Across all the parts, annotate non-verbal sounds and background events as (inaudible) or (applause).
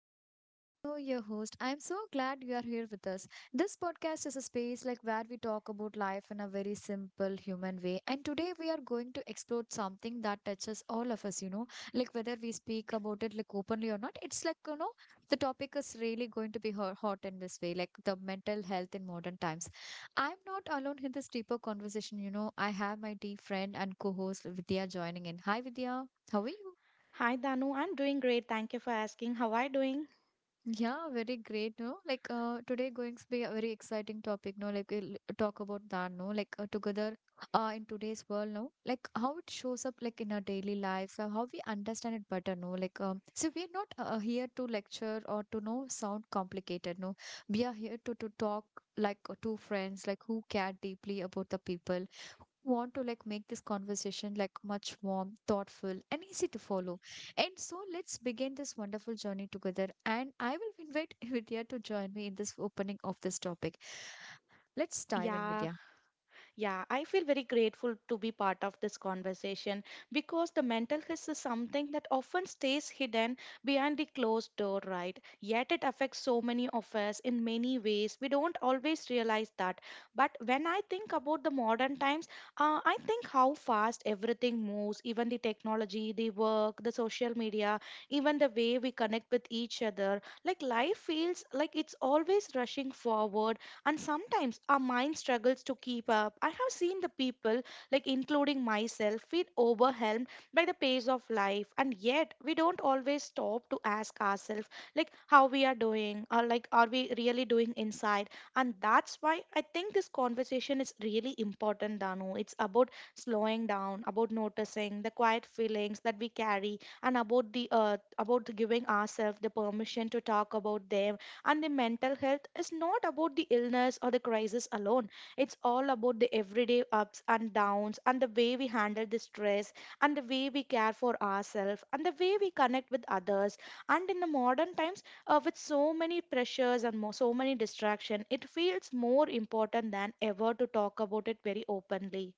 episode. I'm Dano, your host. I'm so glad you are here with us. This podcast is a space like where we talk about life in a very simple human way. And today we are going to explore something that touches all of us, like whether we speak about it like openly or not. It's like, the topic is really going to be hot in this way, like the mental health in modern times. I'm not alone in this deeper conversation. I have my dear friend and co-host Vidya joining in. Hi Vidya, how are you? Hi Danu, I'm doing great. Thank you for asking. How are you doing? Yeah, very great. No, like today going to be a very exciting topic. No, like we'll talk about that. No, like together in today's world. No, like how it shows up like in our daily lives, how we understand it better. No, like so we're not here to lecture or to no sound complicated. No, we are here to talk like two friends like who care deeply about the people want to like make this conversation like much warm, thoughtful, and easy to follow. And so let's begin this wonderful journey together. And I will invite (laughs) Vidya to join me in this opening of this topic. Let's dive in, Yeah, Vidya. Yeah, I feel very grateful to be part of this conversation because the mental health is something that often stays hidden behind the closed door, right? Yet it affects so many of us in many ways. We don't always realize that. But when I think about the modern times, I think how fast everything moves, even the technology, the work, the social media, even the way we connect with each other. Like life feels like it's always rushing forward and sometimes our mind struggles to keep up. I have seen the people like including myself feel overwhelmed by the pace of life, and yet we don't always stop to ask ourselves like how we are doing or like are we really doing inside. And that's why I think this conversation is really important, Danu. It's about slowing down, about noticing the quiet feelings that we carry, and about the giving ourselves the permission to talk about them. And the mental health is not about the illness or the crisis alone. It's all about the everyday ups and downs, and the way we handle the stress, and the way we care for ourselves, and the way we connect with others. And in the modern times, with so many pressures and more, so many distractions, it feels more important than ever to talk about it very openly.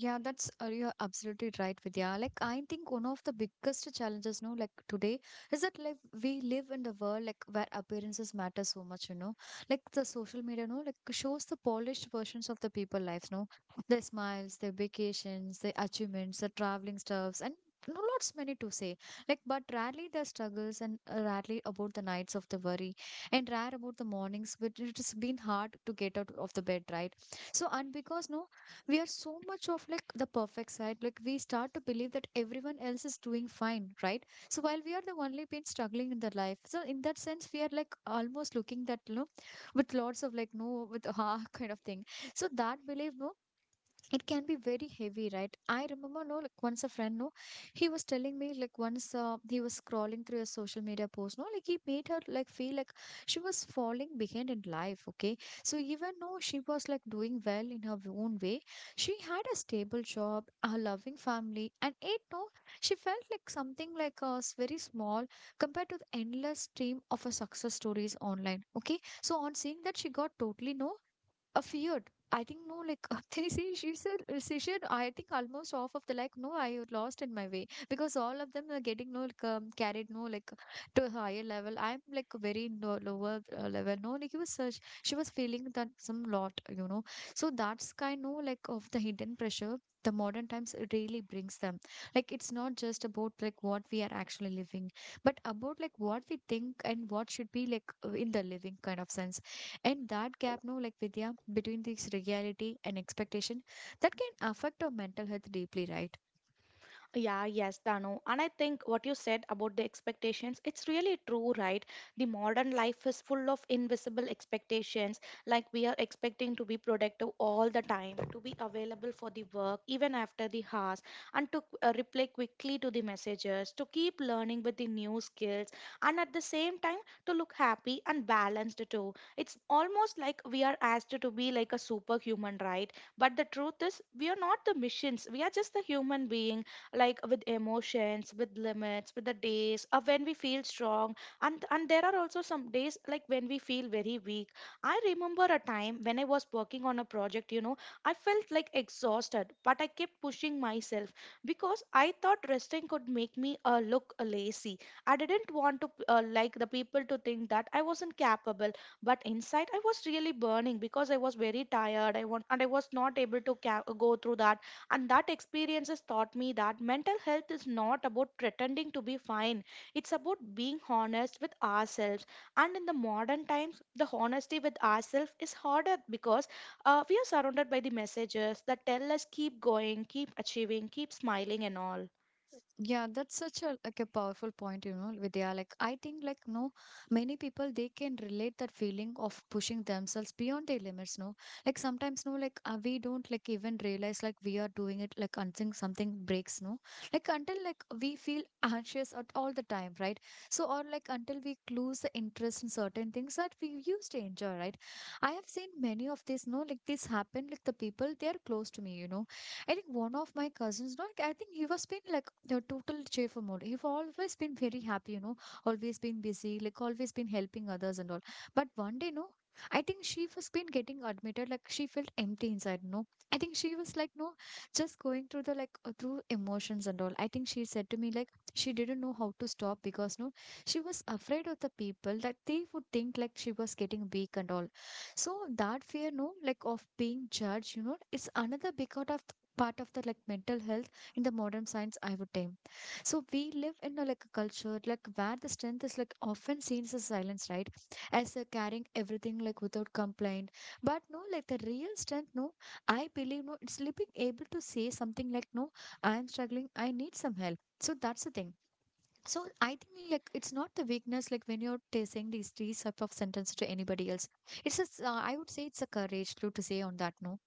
Yeah, that's you're absolutely right, Vidya. Like I think one of the biggest challenges, no, like today is that like we live in the world like where appearances matter so much. Like the social media, no, like shows the polished versions of the people lives, no, their smiles, their vacations, their achievements, their traveling stuffs, and no, lots many to say. Like, but rarely their struggles and rarely about the nights of the worry, and rare about the mornings, which it has been hard to get out of the bed, right? So, and because no we are so much of like the perfect side like we start to believe that everyone else is doing fine, right? So while we are the only been struggling in the life, so in that sense we are like almost looking that with lots of like no with (laughs) ah kind of thing. So that belief, no, it can be very heavy, right? I remember, no, like once a friend, no, he was telling me, like once he was scrolling through a social media post, no, like he made her like feel like she was falling behind in life, okay? So even though she was like doing well in her own way, she had a stable job, a loving family, and it, no, she felt like something like very small compared to the endless stream of a success stories online, okay? So on seeing that, she got totally, no, a feared. I think, no, like (laughs) they say, she said I think almost off of the like no, I had lost in my way because all of them are getting, no, like carried, no, like to a higher level. I'm like very no, lower level. No, like it was such she was feeling that some lot. So that's kind no like of the hidden pressure. The modern times really brings them. Like it's not just about like what we are actually living, but about like what we think and what should be like in the living kind of sense, and that gap, no, like Vidya, between this reality and expectation, that can affect our mental health deeply, right? Yeah, yes, Danu. And I think what you said about the expectations, it's really true, right? The modern life is full of invisible expectations. Like we are expecting to be productive all the time, to be available for the work even after the hours, and to reply quickly to the messages, to keep learning with the new skills, and at the same time to look happy and balanced too. It's almost like we are asked to be like a superhuman, right? But the truth is, we are not the machines. We are just the human beings like with emotions, with limits, with the days of when we feel strong. And there are also some days like when we feel very weak. I remember a time when I was working on a project, you know, I felt like exhausted, but I kept pushing myself because I thought resting could make me look lazy. I didn't want to like the people to think that I wasn't capable, but inside I was really burning because I was very tired. I want and I was not able to go through that, and that experience has taught me that mental health is not about pretending to be fine, it's about being honest with ourselves. And in the modern times, the honesty with ourselves is harder because we are surrounded by the messages that tell us keep going, keep achieving, keep smiling, and all. Yeah, that's such a like a powerful point, Vidya. Like I think like no, many people they can relate that feeling of pushing themselves beyond their limits, no. Like sometimes no, like we don't like even realize like we are doing it like until something breaks, no. Like until like we feel (laughs) anxious at all the time, right? So or like until we lose the interest in certain things that we used to enjoy, right? I have seen many of these, no, like this happen, like the people they are close to me, I think one of my cousins, not I think he was been like the total cheerful mode. He always been very happy, always been busy, like always been helping others and all. But one day, no, I think she was been getting admitted, like she felt empty inside, no. I think she was like, no, just going through the like through emotions and all. I think she said to me like she didn't know how to stop because no, she was afraid of the people that they would think like she was getting weak and all. So that fear, no, like of being judged, it's another big out of part of the like mental health in the modern science, I would name. So we live in a like a culture like where the strength is like often seen as silence, right? As carrying everything like without complaint. But no, like the real strength, no, I believe, no, it's being able to say something like no, I'm struggling, I need some help. So that's the thing. So I think like it's not the weakness like when saying these type of sentences to anybody else. It's a I would say it's a courage to say on that, no.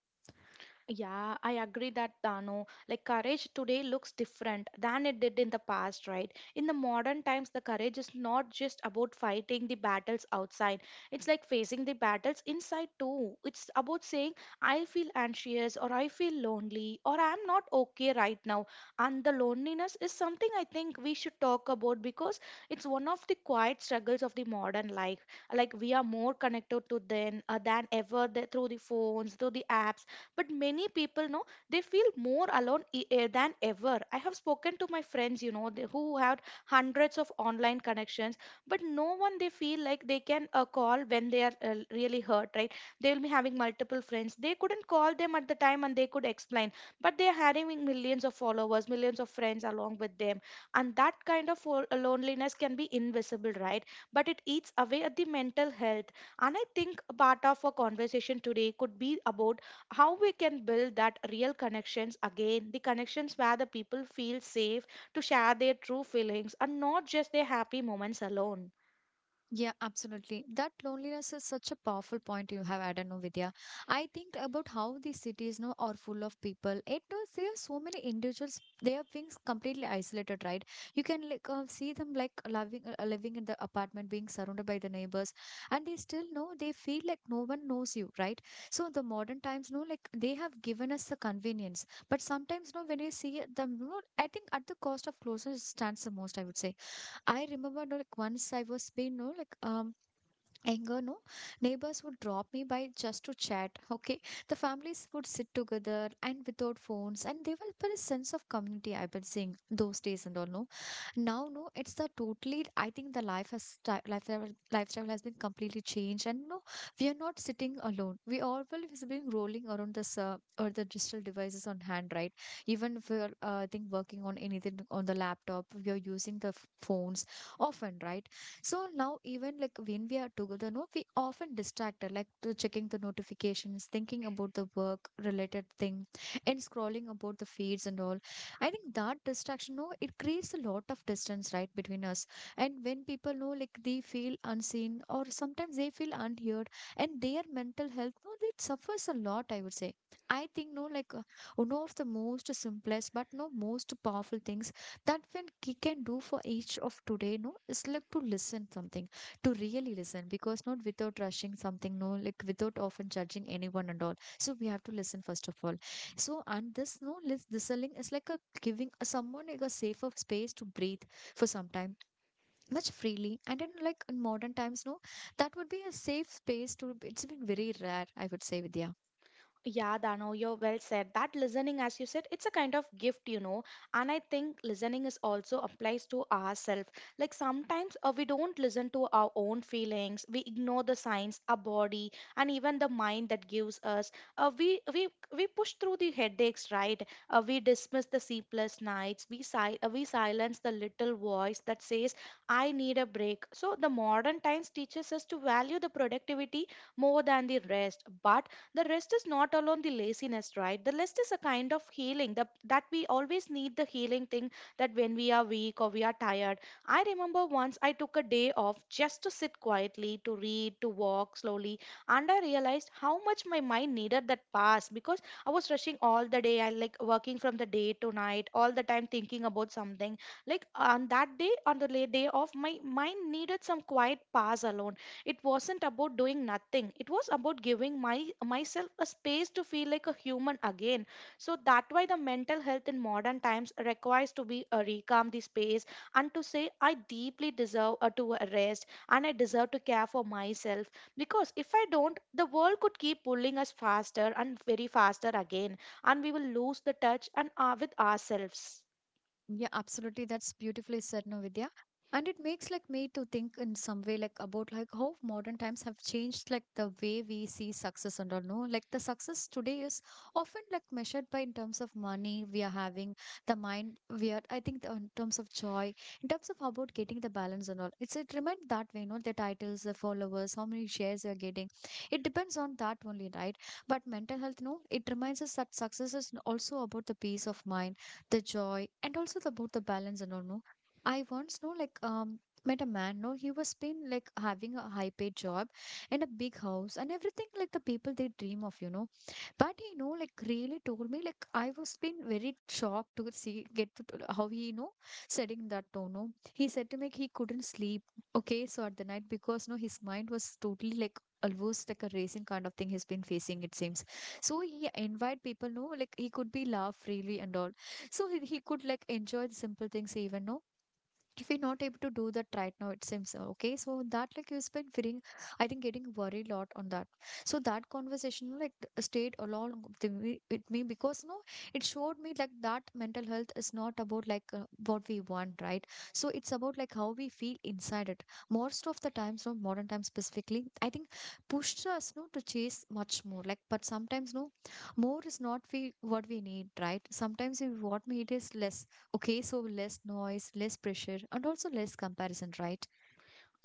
Yeah, I agree that, Dano. Like courage today looks different than it did in the past, right? In the modern times, the courage is not just about fighting the battles outside. It's like facing the battles inside too. It's about saying, I feel anxious or I feel lonely or I'm not okay right now. And the loneliness is something I think we should talk about because it's one of the quiet struggles of the modern life. Like we are more connected to then than ever through the phones, through the apps, but many people know they feel more alone than ever. I have spoken to my friends, you know, they, who have hundreds of online connections, but no one they feel like they can call when they are really hurt, right? They will be having multiple friends, they couldn't call them at the time and they could explain, but they are having millions of followers, millions of friends along with them. And that kind of loneliness can be invisible, right? But it eats away at the mental health. And I think a part of our conversation today could be about how we can build that real connections again, the connections where the people feel safe to share their true feelings and not just their happy moments alone. Yeah, absolutely. That loneliness is such a powerful point you have added, no, Vidya. I think about how these cities now are full of people. It knows there are so many individuals. They are being completely isolated, right? You can like see them like living, living in the apartment, being surrounded by the neighbors, and they still know they feel like no one knows you, right? So the modern times, no, like they have given us the convenience, but sometimes, no, when you see them, no, I think at the cost of closeness stands the most, I would say. I remember like once I was being no like anger no neighbors would drop me by just to chat, okay? The families would sit together and without phones and they will put a sense of community. I've been seeing those days and all, no. Now, no, it's the totally, I think the life has lifestyle has been completely changed, and no, we are not sitting alone. We all will is being rolling around this or the digital devices on hand, right? Even if we're I think working on anything on the laptop, we are using the phones often, right? So now, even like when we are together, no, we often distracted, like to checking the notifications, thinking about the work related thing, and scrolling about the feeds and all. I think that distraction, no, it creates a lot of distance, right, between us. And when people know, like they feel unseen or sometimes they feel unheard, and their mental health, no, it suffers a lot, I would say. I think no, like one of the most simplest but no most powerful things that when he can do for each of today no is like to listen something, to really listen because not without rushing something no like without often judging anyone and all. So we have to listen first of all. So and this no listening is like a giving a someone like a safer space to breathe for some time much freely, and in like in modern times, no, that would be a safe space to it's been very rare, I would say, Vidya. Yeah, Dano, you're well said. That listening, as you said, it's a kind of gift, you know. And I think listening is also applies to ourselves. Like sometimes we don't listen to our own feelings. We ignore the signs, our body, and even the mind that gives us. We we push through the headaches, right? We dismiss the sleepless nights. We silence the little voice that says, "I need a break." So the modern times teaches us to value the productivity more than the rest, but the rest is not alone the laziness, right? The rest is a kind of healing, the, that we always need the healing thing that when we are weak or we are tired. I remember once I took a day off just to sit quietly, to read, to walk slowly, and I realized how much my mind needed that pass because I was rushing all the day. I like working from the day to night all the time thinking about something. Like on that day, on the day off, my mind needed some quiet pass alone. It wasn't about doing nothing, it was about giving my myself a space to feel like a human again. So that why the mental health in modern times requires to be recalm the space, and to say I deeply deserve to a rest and I deserve to care for myself, because if I don't, the world could keep pulling us faster and very faster again, and we will lose the touch and with ourselves. Yeah, absolutely. That's beautifully said, no. And it makes like me to think in some way like about like how modern times have changed like the way we see success and all, no. Like the success today is often like measured by in terms of money we are having, the mind we are, I think the, in terms of joy, in terms of about getting the balance and all, it's it remind that way, no. The titles, the followers, how many shares you are getting, it depends on that only, right? But mental health no it reminds us that success is also about the peace of mind, the joy, and also the, about the balance and all, no. I once know like met a man no he was been like having a high paid job and a big house and everything like the people they dream of, but like really told me, like I was been very shocked to see get to how he setting that tone. No, he said to me like, he couldn't sleep. Okay, so at the night because no, his mind was totally like almost like a racing kind of thing he's been facing. It seems. So he invite people. No, like he could be laugh freely and all. So he could like enjoy the simple things even. No, if you're not able to do that right now it seems okay so that like you've been feeling I think getting worried a lot on that so that conversation like stayed along with with me because no it showed me like that mental health is not about like what we want right so it's about like how we feel inside it most of the times no modern times specifically I think pushed us no to chase much more like but sometimes no more is not we what we need right sometimes we what we need is less. Okay, so less noise, less pressure, and also less comparison, right?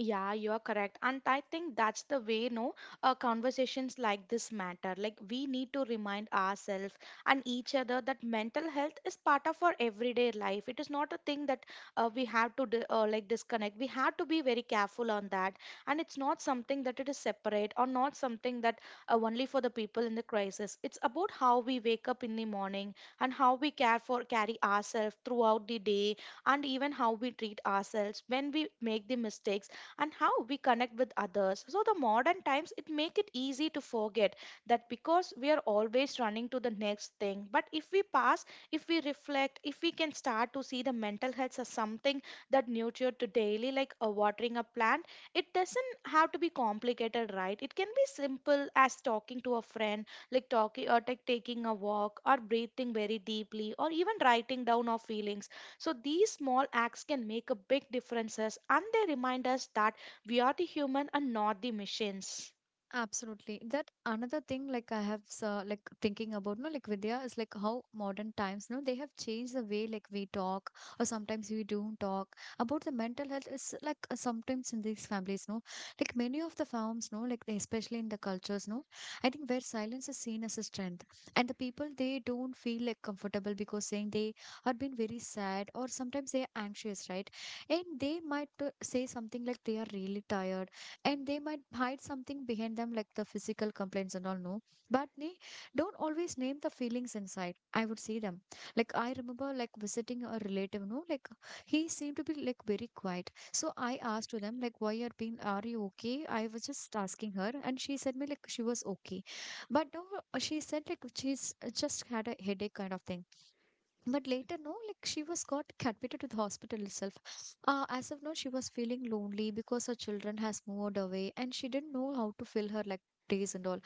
Yeah, you are correct. And I think that's the way, no, conversations like this matter. Like, we need to remind ourselves and each other that mental health is part of our everyday life. It is not a thing that we have to, like, disconnect. We have to be very careful on that. And it's not something that it is separate or not something that only for the people in the crisis. It's about how we wake up in the morning and how we care for, carry ourselves throughout the day, and even how we treat ourselves when we make the mistakes, and how we connect with others. So the modern times it make it easy to forget that because we are always running to the next thing. But if we pass, if we reflect, if we can start to see the mental health as something that nurtured to daily like a watering a plant, it doesn't have to be complicated, right? It can be simple as talking to a friend, like talking or like taking a walk or breathing very deeply or even writing down our feelings. So these small acts can make a big differences, and they remind us that we are the human and not the machines. Absolutely. That another thing, like I have, like thinking about, no, like Vidya is like how modern times, no, they have changed the way like we talk, or sometimes we don't talk about the mental health. Is like sometimes in these families, no, like many of the farms, no, like they, especially in the cultures, no, I think where silence is seen as a strength, and the people they don't feel like comfortable because saying they have been very sad or sometimes they are anxious, right? And they might say something like they are really tired and they might hide something behind them like the physical complaints and all no but they don't always name the feelings inside I would see them like I remember like visiting a relative no like he seemed to be like very quiet so I asked to them like why are being are you okay I was just asking her and she said me like she was okay but now she said like she's just had a headache kind of thing but later, no, like she was got admitted to the hospital itself. As of now, she was feeling lonely because her children has moved away and she didn't know how to fill her like days and all.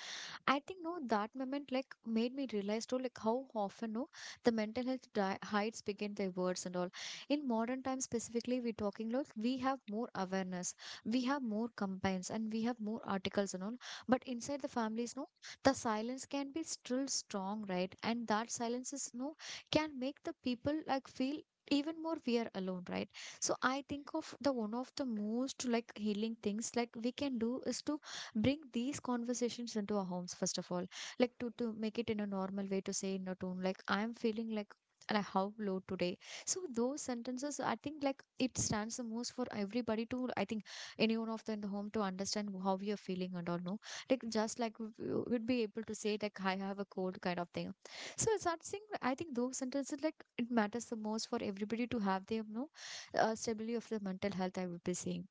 I think no, that moment like made me realize too like how often no the mental health hides begin their words and all. In modern times specifically, we're talking like we have more awareness, we have more campaigns, and we have more articles and all. But inside the families, no, the silence can be still strong, right? And that silence is no can make the people like feel even more we are alone right so I think of the one of the most like healing things like we can do is to bring these conversations into our homes first of all like to make it in a normal way to say in a tone like I'm feeling like how low today so those sentences I think like it stands the most for everybody to I think anyone of them in the home to understand how we are feeling and all no like just like we would be able to say like I have a cold kind of thing so it's not saying I think those sentences like it matters the most for everybody to have their no stability of their mental health I would be saying.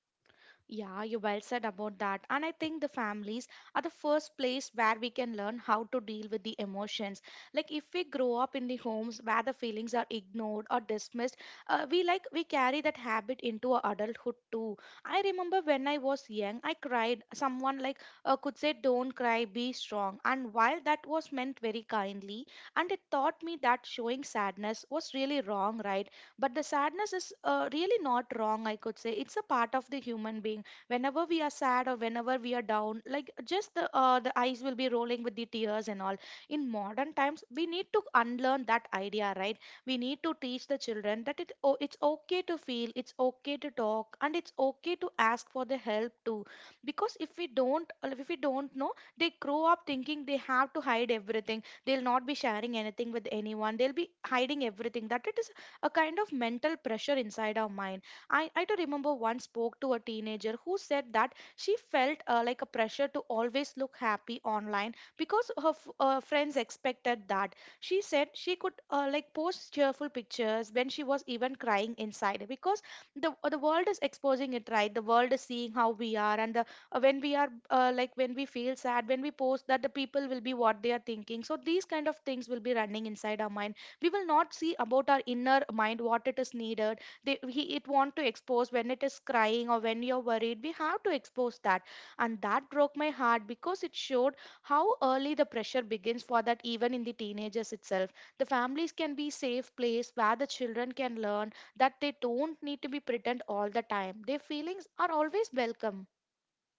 Yeah, you well said about that. And I think the families are the first place where we can learn how to deal with the emotions. Like if we grow up in the homes where the feelings are ignored or dismissed, we like we carry that habit into our adulthood too. I remember when I was young, I cried. Someone like could say, "Don't cry, be strong." And while that was meant very kindly, and it taught me that showing sadness was really wrong, right? But the sadness is really not wrong, I could say. It's a part of the human being. Whenever we are sad or whenever we are down, like just the eyes will be rolling with the tears and all. In modern times we need to unlearn that idea, right? We need to teach the children that it, oh, it's okay to feel, it's okay to talk, and it's okay to ask for the help too. Because if we don't, if we don't know, they grow up thinking they have to hide everything. They'll not be sharing anything with anyone. They'll be hiding everything that it is a kind of mental pressure inside our mind. I do remember once spoke to a teenager who said that she felt like a pressure to always look happy online because her friends expected that. She said she could like post cheerful pictures when she was even crying inside because the world is exposing it, right. The world is seeing how we are, and the when we are like when we feel sad, when we post that, the people will be what they are thinking, so these kind of things will be running inside our mind. We will not see about our inner mind what it is needed. It want to expose when it is crying, or when you're worried, we have to expose that. And that broke my heart because it showed how early the pressure begins for that, even in the teenagers itself. The families can be safe place where the children can learn that they don't need to be pretend all the time, their feelings are always welcome.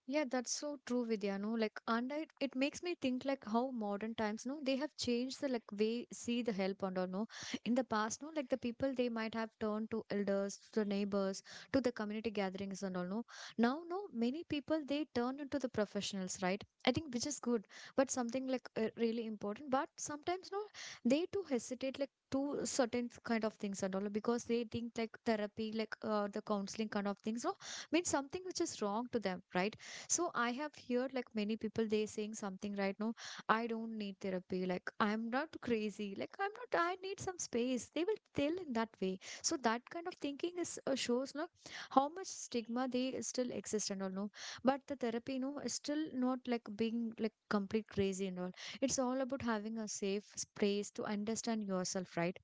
Yeah, that's so true, Vidya. No, like, and it makes me think like how modern times, no, they have changed the like way see the help and all. No, in the past, no, like the people they might have turned to elders, to the neighbors, to the community gatherings and all. No, now, no, many people they turn into the professionals, right? I think which is good, but something like really important. But sometimes, no, they too hesitate like to certain kind of things and all because they think like therapy, like the counseling kind of things, no, means something which is wrong to them, right? So I have heard like many people they saying something right now. I don't need therapy. Like I'm not crazy. Like I'm not. I need some space. They will tell in that way. So that kind of thinking is shows no how much stigma they still exist and all no. But the therapy no is still not like being like complete crazy and all. It's all about having a safe space to understand yourself, right?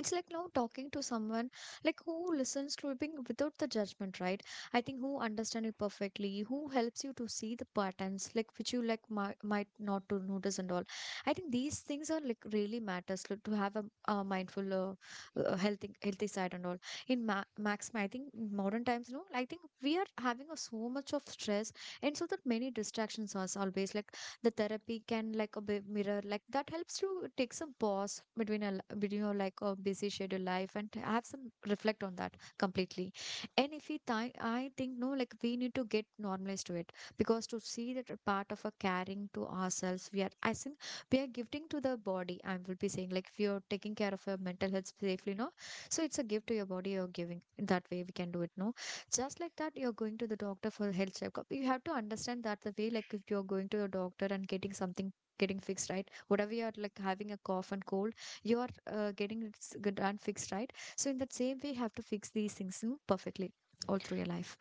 It's like now talking to someone like who listens to it being without the judgment right I think who understand you perfectly who helps you to see the patterns like which you like might not to notice and all I think these things are like really matters like, to have a mindful healthy side and all in max I think in modern times no I think we are having a, so much of stress and so that many distractions are always like the therapy can like a bit mirror like that helps to take some pause between a between your like a busy schedule life and have some reflect on that completely and if we think I think no like we need to get normalized to it because to see that a part of a caring to ourselves we are I think we are gifting to the body I will be saying like if you're taking care of your mental health safely no so it's a gift to your body you're giving in that way we can do it no just like that you're going to the doctor for health checkup you have to understand that the way like if you're going to your doctor and getting something getting fixed right whatever you're like having a cough and cold you are getting it done fixed right so in that same way you have to fix these things perfectly all through your life.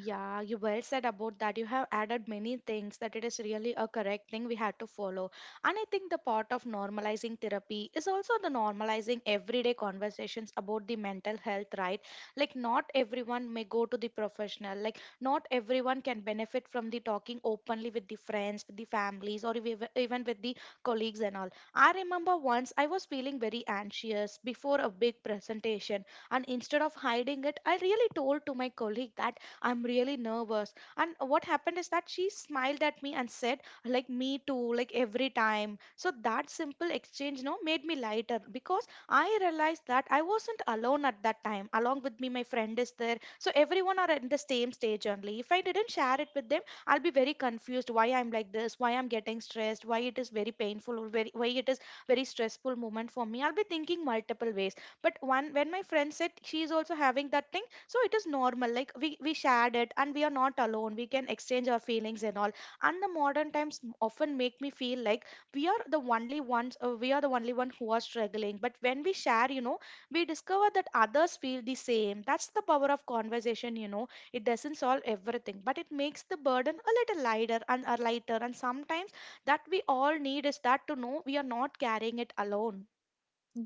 Yeah, you well said about that. You have added many things that it is really a correct thing we have to follow. And I think the part of normalizing therapy is also the normalizing everyday conversations about the mental health, right? Like, not everyone may go to the professional, like, not everyone can benefit from the talking openly with the friends, with the families, or even with the colleagues and all. I remember once I was feeling very anxious before a big presentation, and instead of hiding it, I really told to my colleague that I'm really nervous. And what happened is that she smiled at me and said, like, me too, like every time. So that simple exchange, you know, made me lighter because I realized that I wasn't alone at that time. Along with me, my friend is there. So everyone are in the same stage only. If I didn't share it with them, I'll be very confused why I'm like this, why I'm getting stressed, why it is very painful, or very, why it is very stressful moment for me. I'll be thinking multiple ways. But one when my friend said she is also having that thing, so it is normal, like we shared it and we are not alone, we can exchange our feelings and all. And the modern times often make me feel like we are the only ones, we are the only one who are struggling, but when we share, you know, we discover that others feel the same. That's the power of conversation, you know. It doesn't solve everything, but it makes the burden a little lighter and lighter, and sometimes that we all need is that to know we are not carrying it alone.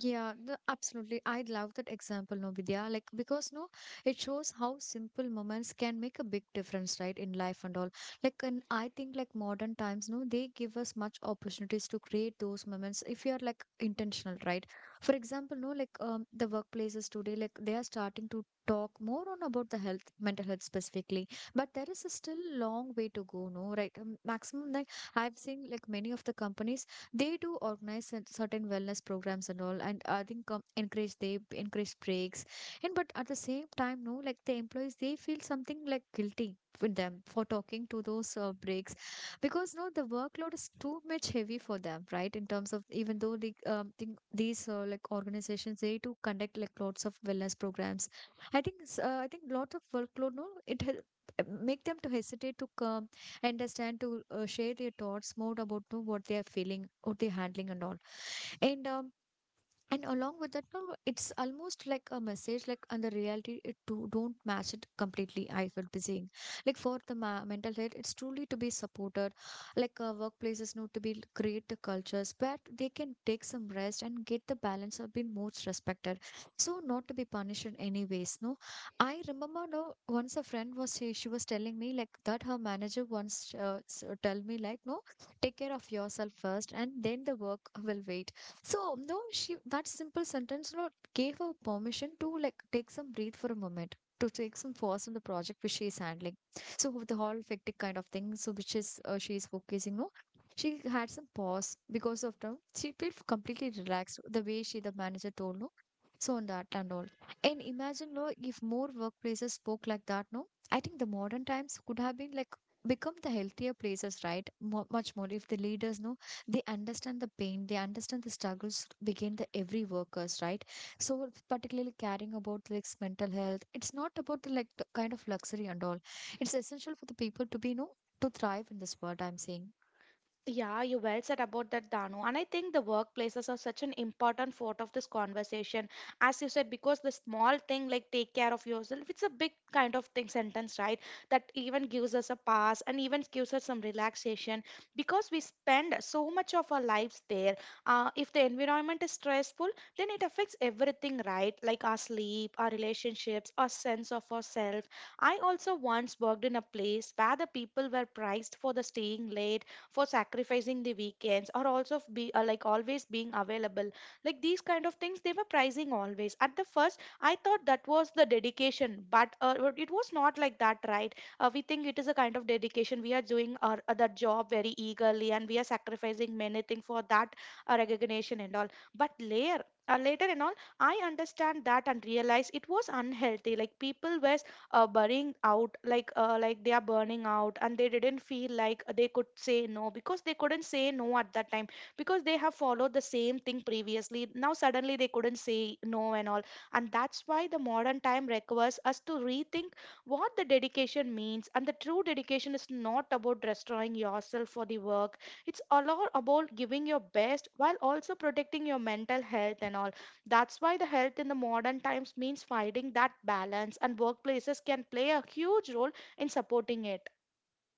Yeah, the, absolutely. I love that example, no, Vidya. Like, because no, it shows how simple moments can make a big difference, right, in life and all. Like, and I think like modern times, no, they give us much opportunities to create those moments if you are like intentional, right? For example, no, like the workplaces today, like they are starting to talk more on about the health, mental health specifically. But there is a still long way to go, no, right? Maximum, like I've seen like many of the companies they do organize certain wellness programs and all and I think encourage they encourage breaks and but at the same time no like the employees they feel something like guilty with them for talking to those breaks because no the workload is too much heavy for them right in terms of even though the think these like organizations they do conduct like lots of wellness programs I think I think lot of workload no it make them to hesitate to come understand to share their thoughts more about to what they are feeling what they're handling and all and um, and along with that no, it's almost like a message like and the reality it don't match it completely I will be saying like for the mental health it's truly to be supported like workplaces know to be create the cultures where they can take some rest and get the balance of being most respected so not to be punished in any ways no I remember no once a friend was she was telling me like that her manager once tell me like no take care of yourself first and then the work will wait so no, she that simple sentence, you know, gave her permission to like take some breathe for a moment, to take some pause on the project which she is handling. So with the whole hectic kind of thing, so which is she is focusing on, she had some pause because of them. She felt completely relaxed the way she the manager told no. So on that and all. And imagine no, if more workplaces spoke like that, no, I think the modern times could have been like become the healthier places, right? Mo Much more if the leaders no they understand the pain they understand the struggles begin the every workers right so particularly caring about like mental health it's not about the like the kind of luxury and all it's essential for the people to be you know to thrive in this world I'm saying. Yeah, you well said about that, Danu. And I think the workplaces are such an important part of this conversation. As you said, because the small thing like take care of yourself, it's a big kind of thing sentence, right? That even gives us a pass and even gives us some relaxation because we spend so much of our lives there. If the environment is stressful, then it affects everything, right? Like our sleep, our relationships, our sense of ourselves. I also once worked in a place where the people were prized for the staying late, for sacrificing the weekends, or also f- be like always being available. Like these kind of things, they were prizing always. At the first I thought that was the dedication, but it was not like that, right? We think it is a kind of dedication, we are doing our other job very eagerly and we are sacrificing many things for that recognition and all. But later, uh, later and all, I understand that and realize it was unhealthy. Like people were burning out like they are burning out, and they didn't feel like they could say no, because they couldn't say no at that time, because they have followed the same thing previously. Now suddenly they couldn't say no and all. And that's why the modern time requires us to rethink what the dedication means, and the true dedication is not about destroying yourself for the work. It's a lot about giving your best while also protecting your mental health and all. That's why the health in the modern times means finding that balance, and workplaces can play a huge role in supporting it.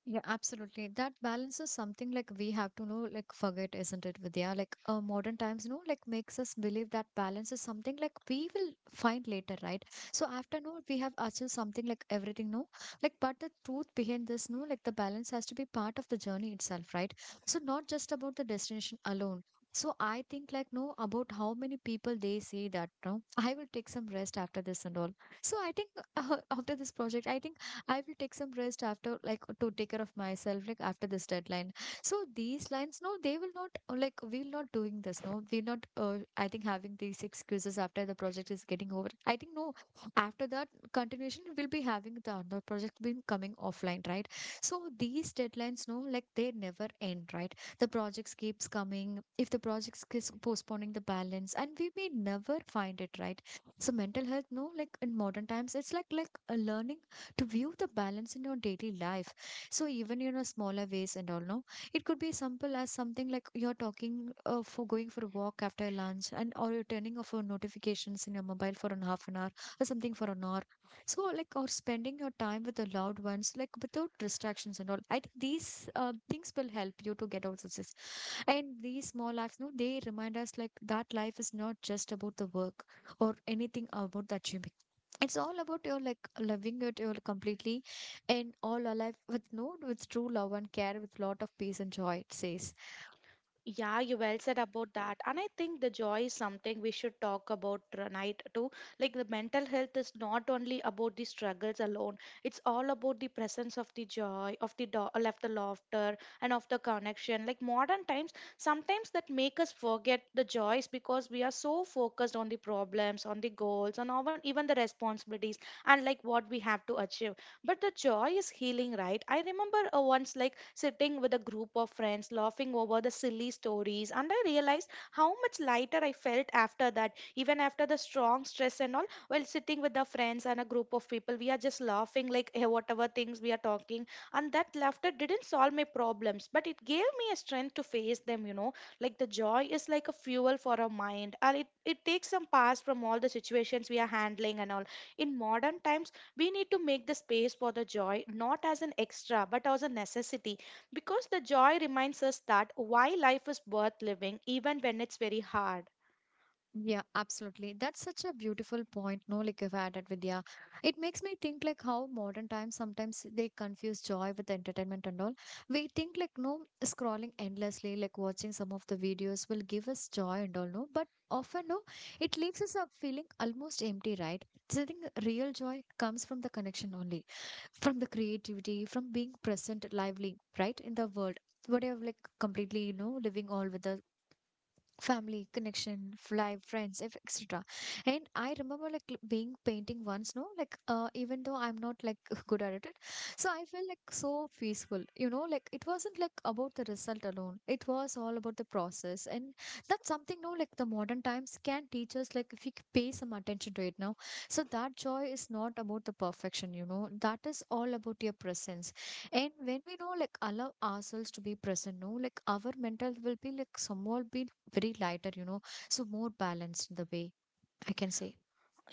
Yeah, absolutely. That balance is something like we have to know, like forget, isn't it, Vidya? Like modern times, you know, like makes us believe that balance is something like we will find later, right? So after no, we have achieved something like everything, no, like but the truth behind this, no, like the balance has to be part of the journey itself, right? So not just about the destination alone. So I think like no about how many people they say that no, I will take some rest after this and all. So I think (laughs) after this project, I think. I will take some rest after, like, to take care of myself, like, after this deadline. So these lines, no, they will not, like, we're not doing this, no, we're not, I think, having these excuses after the project is getting over. I think, no, after that continuation, we'll be having the another project being coming offline, right? So these deadlines, no, like, they never end, right? The projects keeps coming. If the projects keeps postponing the balance, and we may never find it, right? So mental health, no, like in modern times, it's like a learning to view the balance in your daily life, so even you know smaller ways and all, no, it could be simple as something like you're talking for going for a walk after lunch, and or you're turning off your notifications in your mobile for an half an hour or something for an hour. So like or spending your time with the loved ones like without distractions and all, I think these things will help you to get out of this. And these small acts, no, they remind us like that life is not just about the work or anything about the achievement. It's all about your like loving it your completely and all alive with no with true love and care with lot of peace and joy, it says. Yeah, you well said about that. And I think the joy is something we should talk about tonight too. Like the mental health is not only about the struggles alone. It's all about the presence of the joy, of the of the laughter, and of the connection. Like modern times, sometimes that make us forget the joys because we are so focused on the problems, on the goals, and even the responsibilities and like what we have to achieve. But the joy is healing, right? I remember once, like sitting with a group of friends laughing over the silly stories, and I realized how much lighter I felt after that, even after the strong stress and all. While sitting with the friends and a group of people, we are just laughing like (laughs) whatever things we are talking. And that laughter didn't solve my problems, but it gave me a strength to face them, you know. Like the joy is like a fuel for our mind, and it takes some pass from all the situations we are handling and all. In modern times, we need to make the space for the joy, not as an extra but as a necessity, because the joy reminds us that why life is worth living even when it's very hard. Yeah, absolutely. That's such a beautiful point. No, like you've added, Vidya. It makes me think like how modern times sometimes they confuse joy with entertainment and all. We think like no scrolling endlessly, like watching some of the videos will give us joy and all, no. But often no, it leaves us up feeling almost empty, right? So I think real joy comes from the connection only, from the creativity, from being present, lively, right, in the world. Whatever, like completely, you know, living all with the family connection, live friends, etc. And I remember like being painting once, no, like even though I'm not like (laughs) good at it. So I felt like so peaceful, you know, like it wasn't like about the result alone, it was all about the process. And that's something no like the modern times can teach us, like if we pay some attention to it now. So that joy is not about the perfection, you know, that is all about your presence. And when we know like allow ourselves to be present, no, like our mental will be like somewhat be very lighter, you know, so more balanced the way I can say.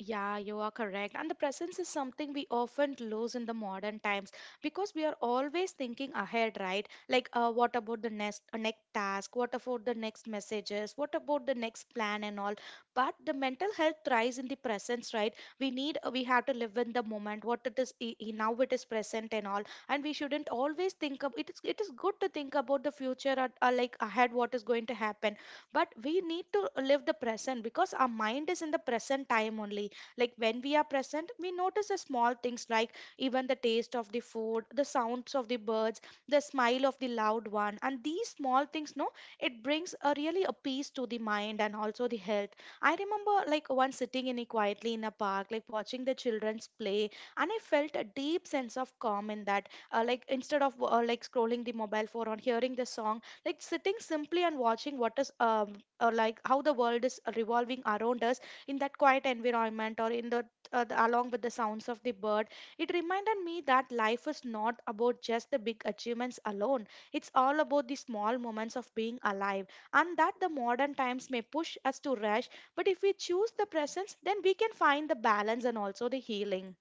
Yeah, you are correct. And the presence is something we often lose in the modern times because we are always thinking ahead, right? Like, what about the next task? What about the next messages? What about the next plan and all? But the mental health thrives in the presence, right? We need we have to live in the moment. What it is now, it is present and all, and we shouldn't always think of it. Is it is good to think about the future, or like ahead what is going to happen, but we need to live the present because our mind is in the present time only. Like when we are present, we notice the small things, like even the taste of the food, the sounds of the birds, the smile of the loved one. And these small things, no, it brings a really a peace to the mind and also the health. I remember like once sitting in a quietly in a park, like watching the children's play, and I felt a deep sense of calm in that. Like instead of like scrolling the mobile phone or hearing the song, like sitting simply and watching what is like how the world is revolving around us in that quiet environment, or in the along with the sounds of the bird. It reminded me that life is not about just the big achievements alone, it's all about the small moments of being alive. And that the modern times may push us to rush, but if we choose the presence, then we can find the balance and also the healing.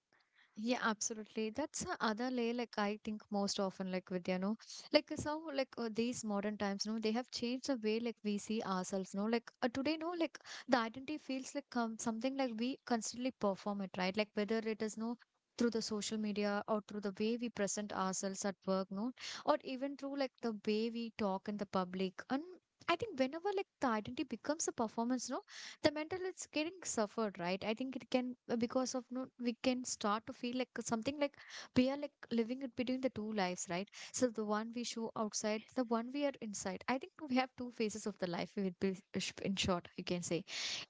Yeah, absolutely. That's a other layer. Like I think most often, like with you know, like so like these modern times, no, they have changed the way like we see ourselves. No, like today, no, like the identity feels like something like we constantly perform it, right? Like whether it is no through the social media or through the way we present ourselves at work, no, or even through like the way we talk in the public. And I think whenever like the identity becomes a performance, no, the mental it's getting suffered, right? I think it can because of no we can start to feel like something like we are like living it between the two lives, right? So the one we show outside, the one we are inside. I think we have two phases of the life we would be in short, you can say.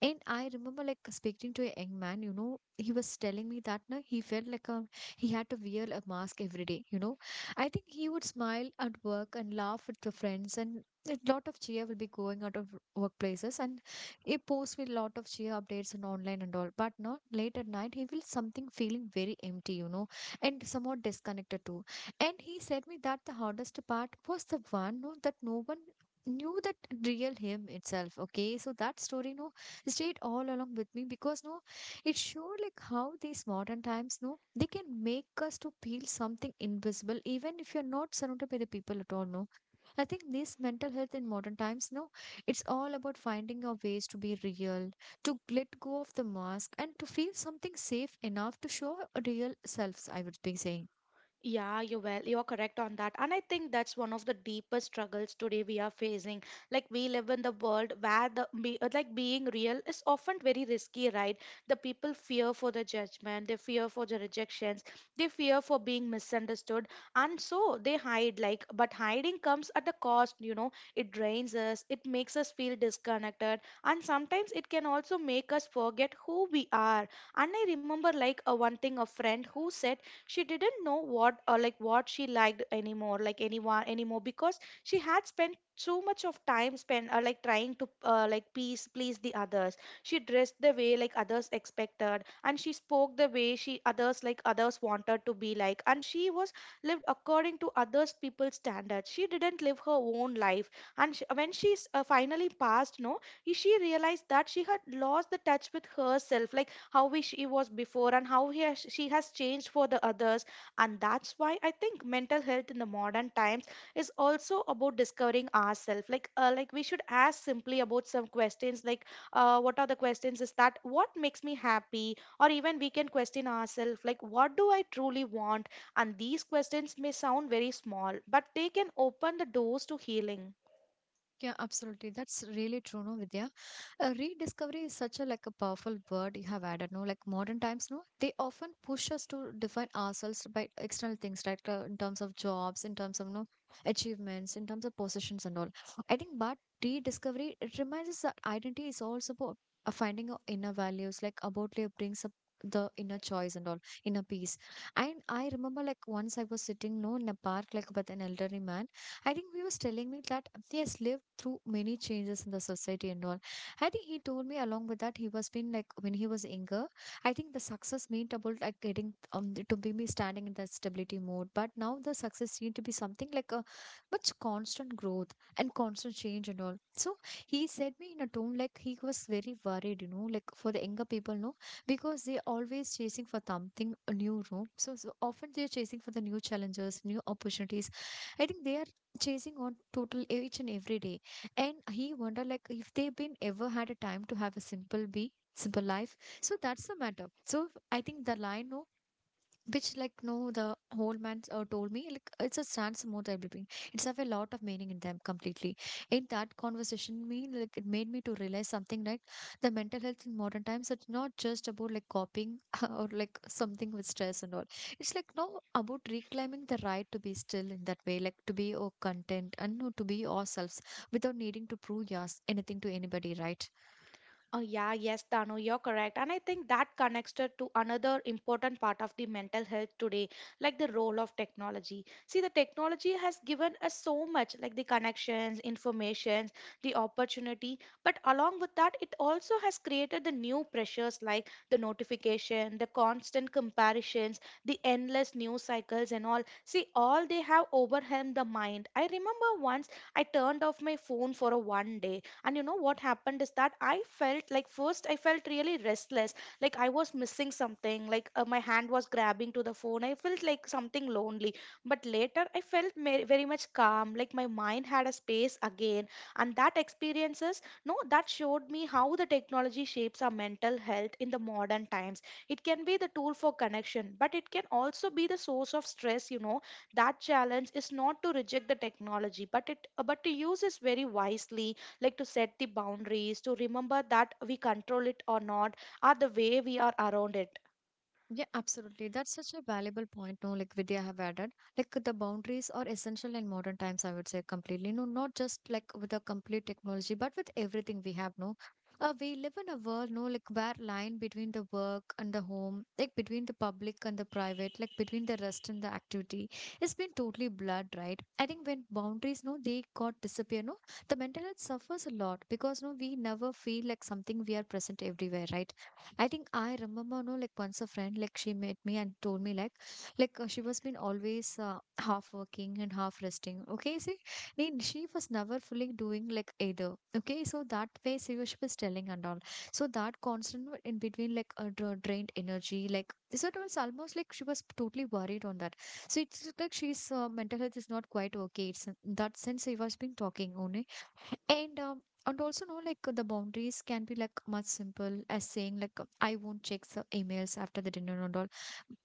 And I remember like speaking to a young man, you know, he was telling me that now he felt like he had to wear a mask every day, you know. I think he would smile at work and laugh at the friends, and a lot of cheer will be going out of workplaces. And he posts with a lot of cheer updates and online and all, but not late at night. He feels something feeling very empty, you know, and somewhat disconnected too. And he said me that the hardest part was the one no, that no one knew that real him itself. Okay, so that story no stayed all along with me because no it showed like how these modern times no they can make us to feel something invisible even if you're not surrounded by the people at all, no. I think this mental health in modern times, no, it's all about finding our ways to be real, to let go of the mask, and to feel something safe enough to show our real selves, I would be saying. Yeah, you well, you're correct on that. And I think that's one of the deepest struggles today we are facing. Like we live in the world where the like being real is often very risky, right? The people fear for the judgment, they fear for the rejections, they fear for being misunderstood, and so they hide. Like but hiding comes at a cost, you know. It drains us, it makes us feel disconnected, and sometimes it can also make us forget who we are. And I remember like a one thing, a friend who said she didn't know what, or like what she liked anymore, like anyone anymore, because she had spent so much of time spent like trying to like please the others. She dressed the way like others expected, and she spoke the way she others like others wanted to be like, and she was lived according to others people's standards. She didn't live her own life. And she, when she finally passed, no, she realized that she had lost the touch with herself. Like how we, she was before, and how he has, she has changed for the others. And that's why I think mental health in the modern times is also about discovering ourselves. Like like we should ask simply about some questions, like what are the questions is that what makes me happy, or even we can question ourselves like what do I truly want. And these questions may sound very small, but they can open the doors to healing. Yeah, absolutely. That's really true, no, Vidya. Rediscovery is such a like a powerful word you have added, no, like modern times no they often push us to define ourselves by external things, right? In terms of jobs, in terms of no achievements, in terms of possessions and all. I think but rediscovery it reminds us that identity is also about finding our inner values, like about it brings up the inner choice and all inner peace. And I remember like once I was sitting no in a park like with an elderly man. I think he was telling me that he has lived through many changes in the society and all. I think he told me along with that he was been like when he was younger. I think the success meant about like getting to be me standing in that stability mode. But now the success need to be something like a much constant growth and constant change and all. So he said me in a tone like he was very worried, you know, like for the younger people, no, because they always chasing for something new, no. So, so often they're chasing for the new challenges, new opportunities. I think they are chasing on total each and every day. And he wondered like if they've been ever had a time to have a simple be simple life. So that's the matter. So I think the line no which like no the whole man told me like it's a stance mode I'm living, it's have a lot of meaning in them completely. In that conversation me like it made me to realize something, right? The mental health in modern times it's not just about like copying (laughs) or like something with stress and all. It's like no about reclaiming the right to be still in that way, like to be or content and no to be ourselves without needing to prove yes anything to anybody, right? Oh, yeah, yes, Dano, you're correct. And I think that connects to another important part of the mental health today, like the role of technology. See, the technology has given us so much, like the connections, informations, the opportunity. But along with that, it also has created the new pressures, like the notification, the constant comparisons, the endless news cycles, and all. See, all they have overwhelmed the mind. I remember once I turned off my phone for a one day, and you know what happened is that I felt like, first, I felt really restless, like I was missing something. Like, my hand was grabbing to the phone. I felt like something lonely. But later I felt very much calm, like my mind had a space again. And that experiences, no, that showed me how the technology shapes our mental health in the modern times. It can be the tool for connection, but it can also be the source of stress, you know. That challenge is not to reject the technology, but it but to use it very wisely, like to set the boundaries, to remember that we control it or not are the way we are around it. Yeah, absolutely. That's such a valuable point, no, like Vidya have added. Like the boundaries are essential in modern times, I would say completely. No, not just like with the complete technology, but with everything we have, no. We live in a world, no, like where line between the work and the home, like between the public and the private, like between the rest and the activity, it's been totally blurred, right? I think when boundaries, no, they got disappear, no, the mental health suffers a lot because no, we never feel like something we are present everywhere, right? I think I remember, no, like once a friend, like she met me and told me, like she was been always half working and half resting. Okay, see, then she was never fully doing like either. Okay, so that way she was telling and all. So that constant in between, like drained energy, like so it was almost like she was totally worried on that. So it's just like she's mental health is not quite okay. It's in that sense she was been talking only, and um, and also no, like the boundaries can be like much simple as saying like I won't check the emails after the dinner and all.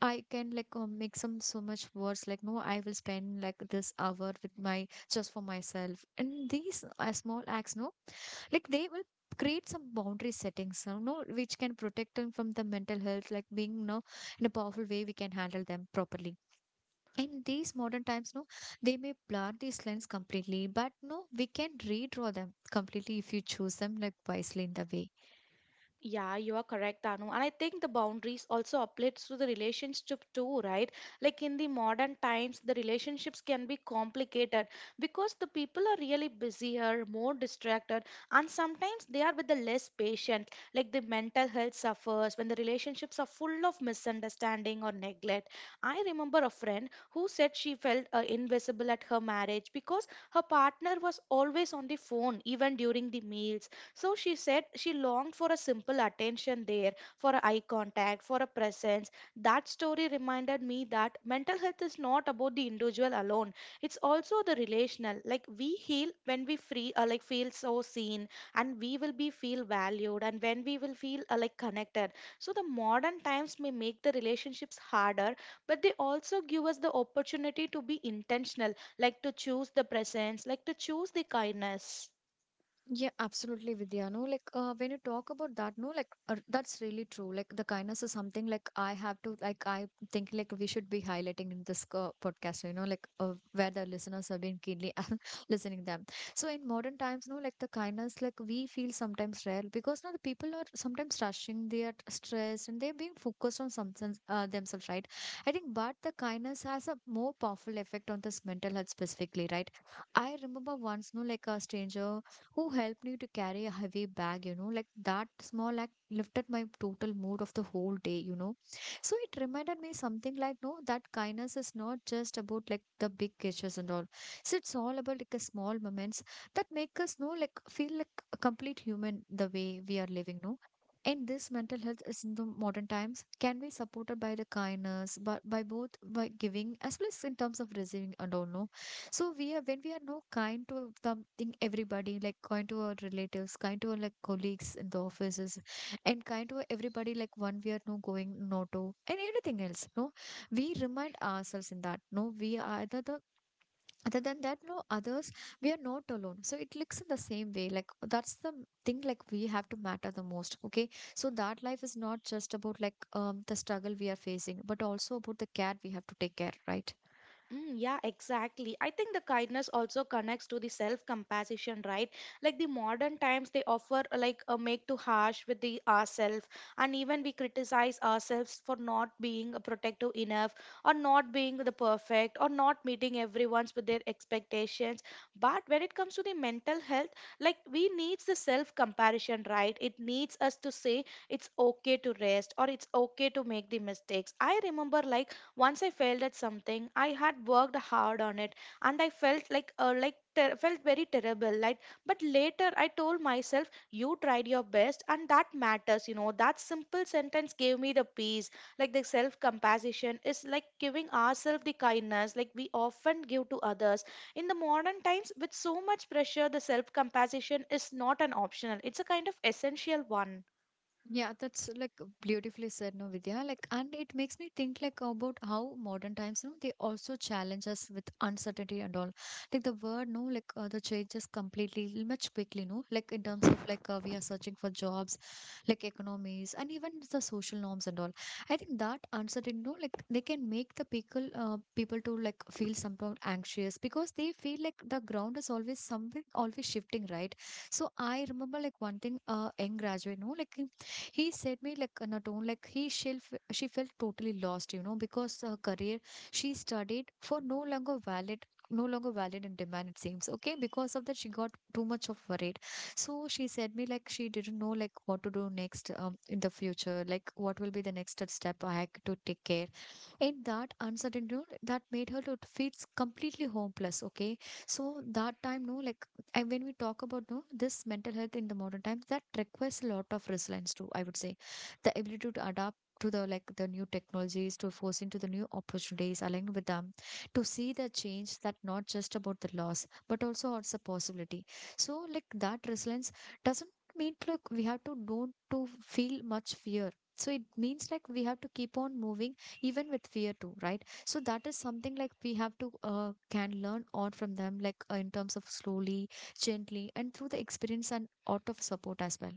I can like make some so much words like no I will spend like this hour with my just for myself. And these small acts no like they will create some boundary settings, you know, which can protect them from the mental health like being you know in a powerful way we can handle them properly in these modern times no they may blur these lines completely but no we can redraw them completely if you choose them like wisely in the way. Yeah, you are correct, Anu. And I think the boundaries also applies to the relationship too, right? Like in the modern times, the relationships can be complicated because the people are really busier, more distracted, and sometimes they are with the less patient. Like the mental health suffers when the relationships are full of misunderstanding or neglect. I remember a friend who said she felt invisible at her marriage because her partner was always on the phone, even during the meals, so she said she longed for a simple attention there, for a eye contact, for a presence. That story reminded me that mental health is not about the individual alone. It's also the relational. Like we heal when we free, like feel so seen, and we will be feel valued, and when we will feel like connected. So the modern times may make the relationships harder, but they also give us the opportunity to be intentional, like to choose the presence, like to choose the kindness. Yeah, absolutely, Vidya. No, like when you talk about that, no, like that's really true. Like the kindness is something I think we should be highlighting in this podcast. You know, where the listeners have been keenly (laughs) listening them. So in modern times, no, like the kindness like we feel sometimes rare because now the people are sometimes rushing, they are stressed, and they're being focused on something themselves, right? I think, but the kindness has a more powerful effect on this mental health specifically, right? I remember once, no, like a stranger who helped me to carry a heavy bag, you know, like that small act lifted my total mood of the whole day, you know. So it reminded me something like, no, that kindness is not just about like the big gestures and all. So it's all about like a small moments that make us know like feel like a complete human the way we are living, no? And this mental health is in the modern times can be supported by the kindness, but by both by giving as well as in terms of receiving and all, no? So we are when we are no kind to something everybody like kind to our relatives, kind to our like colleagues in the offices, and kind to everybody like one we are no going no to and anything else. No, we remind ourselves in that. No, we are other the other than that no others we are not alone. So it looks in the same way. Like that's the thing like we have to matter the most. Okay, so that life is not just about like the struggle we are facing, but also about the care we have to take care. Right. Mm, yeah, exactly. I think the kindness also connects to the self-compassion, right? Like the modern times, they offer like a make too harsh with the ourselves, and even we criticize ourselves for not being protective enough, or not being the perfect, or not meeting everyone's with their expectations. But when it comes to the mental health, like we needs the self-compassion, right? It needs us to say it's okay to rest, or it's okay to make the mistakes. I remember like once I failed at something, I had worked hard on it, and I felt like felt very terrible. Like, but later I told myself, "You tried your best, and that matters." You know, that simple sentence gave me the peace. Like the self compassion is like giving ourselves the kindness, like we often give to others. In the modern times, with so much pressure, the self compassion is not an optional; it's a kind of essential one. Yeah, that's like beautifully said, no, Vidya. Like, and it makes me think like about how modern times, you know, they also challenge us with uncertainty and all. Like the word, no, the changes completely, much quickly, no. Like in terms of we are searching for jobs, like economies, and even the social norms and all. I think that uncertainty, no, like they can make the people, people to like feel somehow anxious because they feel like the ground is always something always shifting, right? So I remember like one thing, young graduate, no, like he said me like not own like he she felt totally lost, you know, because her career she studied for no longer valid in demand it seems okay because of that she got too much of worried so she said me like she didn't know like what to do next in the future like what will be the next step I had to take care in that uncertainty no, that made her to feel completely hopeless. Okay, so that time no like and when we talk about no this mental health in the modern times that requires a lot of resilience too, I would say the ability to adapt to the new technologies to force into the new opportunities aligned with them, to see the change that not just about the loss but also it's a possibility. So like that resilience doesn't mean look we have to don't to feel much fear, so it means like we have to keep on moving even with fear too, right? So that is something like we have to can learn on from them in terms of slowly, gently and through the experience and out of support as well.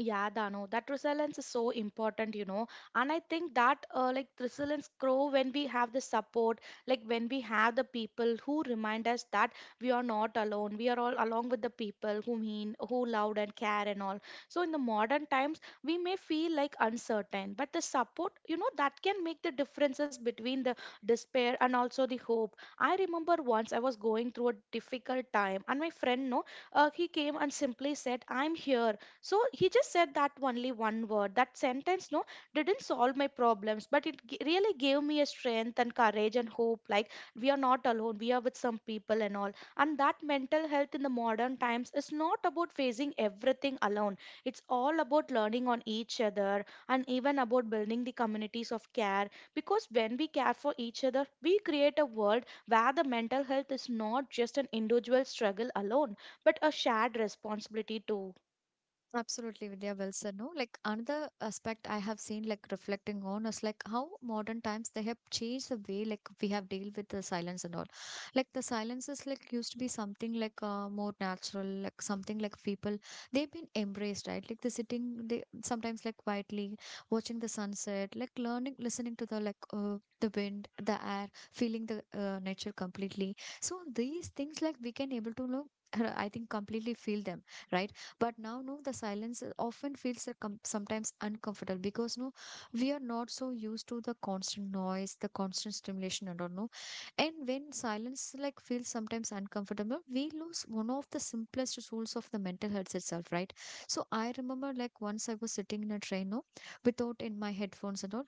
Yeah, Dano, that resilience is so important, you know. And I think that like resilience grow when we have the support, like when we have the people who remind us that we are not alone. We are all along with the people who mean, who loved and care and all. So in the modern times, we may feel like uncertain, but the support, you know, that can make the differences between the despair and also the hope. I remember once I was going through a difficult time, and my friend, no, he came and simply said, "I'm here." So he just said that only one word, that sentence, no, didn't solve my problems, but really gave me a strength and courage and hope, like we are not alone, we are with some people and all. And that mental health in the modern times is not about facing everything alone. It's all about learning on each other and even about building the communities of care, because when we care for each other we create a world where the mental health is not just an individual struggle alone, but a shared responsibility too. Absolutely, Vidya. Well said. No, like another aspect I have seen, like reflecting on, is like how modern times they have changed the way like we have deal with the silence and all. Like the silence is like used to be something like more natural, like something like people they've been embraced, right? Like the sitting, they sometimes like quietly watching the sunset, like learning, listening to the the wind, the air, feeling the nature completely. So these things like we can able to know. I think completely feel them, right? But now no the silence often feels sometimes uncomfortable because no we are not so used to the constant noise, the constant stimulation and all, no. And when silence like feels sometimes uncomfortable we lose one of the simplest tools of the mental health itself, right? So I remember like once I was sitting in a train, no, without in my headphones and all.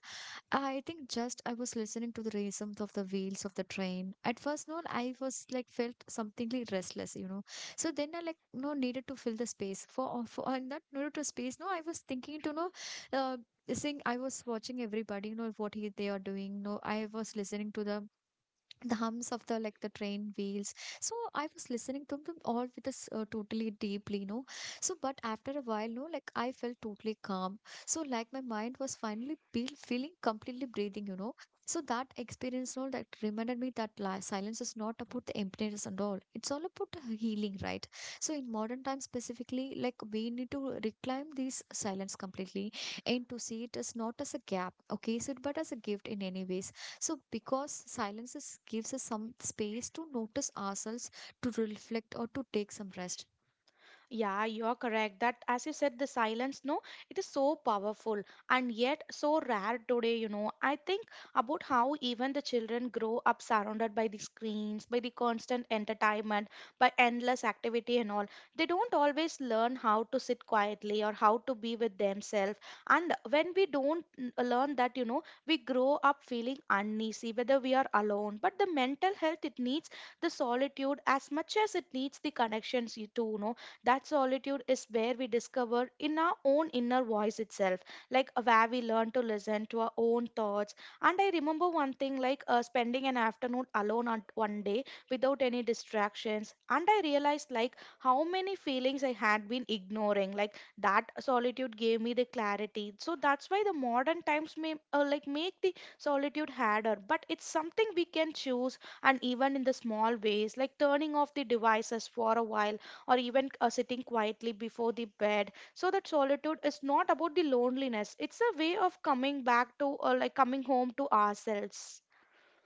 I think just I was listening to the rhythm of the wheels of the train. At first, no, I was like felt something like restless, you know. So then I like no needed to fill the space for and that needed to space. No, I was thinking to know, uh, sing. I was watching everybody, you know, what he they are doing. No, I was listening to the hums of the train wheels. So I was listening to them all with this totally deeply, you know. So but after a while no like I felt totally calm, so like my mind was feeling completely breathing, you know. So that experience no, that reminded me that silence is not about the emptiness and all, it's all about the healing, right? So in modern times specifically like we need to reclaim these silence completely, and to see it as not as a gap. Okay, so but as a gift in any ways. So, because silence is, gives us some space to notice ourselves, to reflect, or to take some rest. Yeah, you're correct. That, as you said, the silence, no, it is so powerful and yet so rare today, you know. I think about how even the children grow up surrounded by the screens, by the constant entertainment, by endless activity and all. They don't always learn how to sit quietly or how to be with themselves. And when we don't learn that, you know, we grow up feeling uneasy, whether we are alone. But the mental health, it needs the solitude as much as it needs the connections, you too, no, that solitude is where we discover in our own inner voice itself, like where we learn to listen to our own thoughts. And I remember one thing like spending an afternoon alone on one day without any distractions. And I realized like how many feelings I had been ignoring. Like that solitude gave me the clarity. So that's why the modern times may like make the solitude harder, but it's something we can choose, and even in the small ways, like turning off the devices for a while, or even sitting quietly before the bed. So that solitude is not about the loneliness, it's a way of coming back to, or like coming home to, ourselves.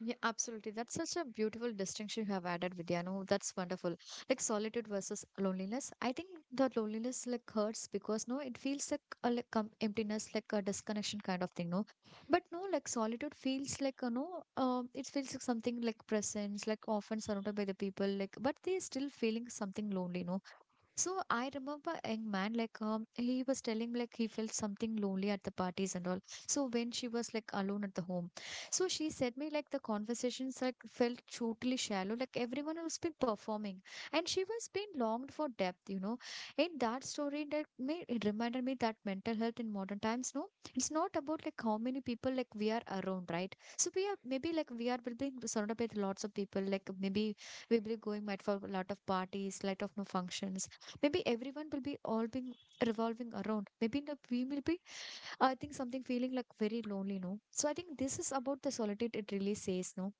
Yeah, absolutely. That's such a beautiful distinction you have added, Vidya. No, that's wonderful. Like solitude versus loneliness. I think the loneliness like hurts because no, it feels like a emptiness, like a disconnection kind of thing. No, but no, like solitude feels like you know, it feels like something like presence, like often surrounded by the people, like but they still feeling something lonely. No, so I remember a young man like he was telling like he felt something lonely at the parties and all. So when she was like alone at the home, so she said me like the conversations like felt totally shallow. Like everyone was been performing, and she was being longed for depth. You know, in that story that me it reminded me that mental health in modern times. No, it's not about like how many people like we are around, right? So we are maybe like we are will be surrounded by lots of people. Like maybe we'll be going out for a lot of parties, lot of no functions, maybe everyone will be all being revolving around maybe the, we will be, I think something feeling like very lonely, no. So I think this is about the solitude it really says, no.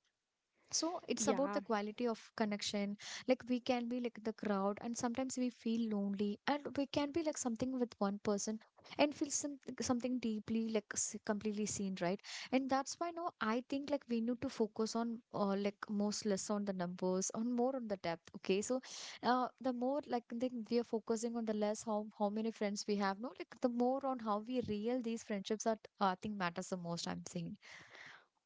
So it's about Yeah. the quality of connection, like we can be like the crowd and sometimes we feel lonely and we can be like something with one person and feel some, something deeply completely seen, right? And that's why no I think like we need to focus on like most less on the numbers, on more on the depth. Okay, so the more like I think we are focusing on the less how many friends we have no like the more on how we real these friendships are, I think matters the most, I'm saying.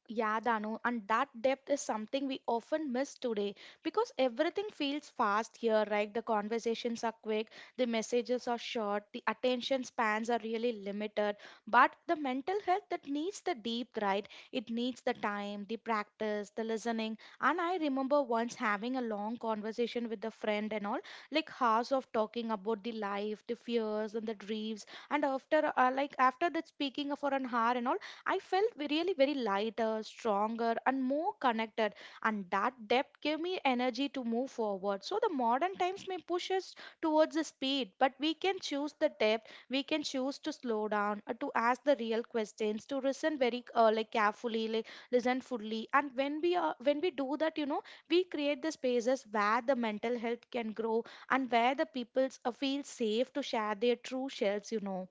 Yeah, Danu, and that depth is something we often miss today because everything feels fast here, right? The conversations are quick, the messages are short, the attention spans are really limited. But the mental health that needs the deep, right? It needs the time, the practice, the listening. And I remember once having a long conversation with a friend and all, like hours of talking about the life, the fears, and the dreams. And after, like after that speaking for an hour and all, I felt really very lighter, stronger, and more connected. And that depth gave me energy to move forward. So the modern times may push us towards the speed, but we can choose the depth. We can choose to slow down, to ask the real questions, to listen very like carefully, like listen fully. And when we do that, you know, we create the spaces where the mental health can grow and where the people feel safe to share their true selves. You know.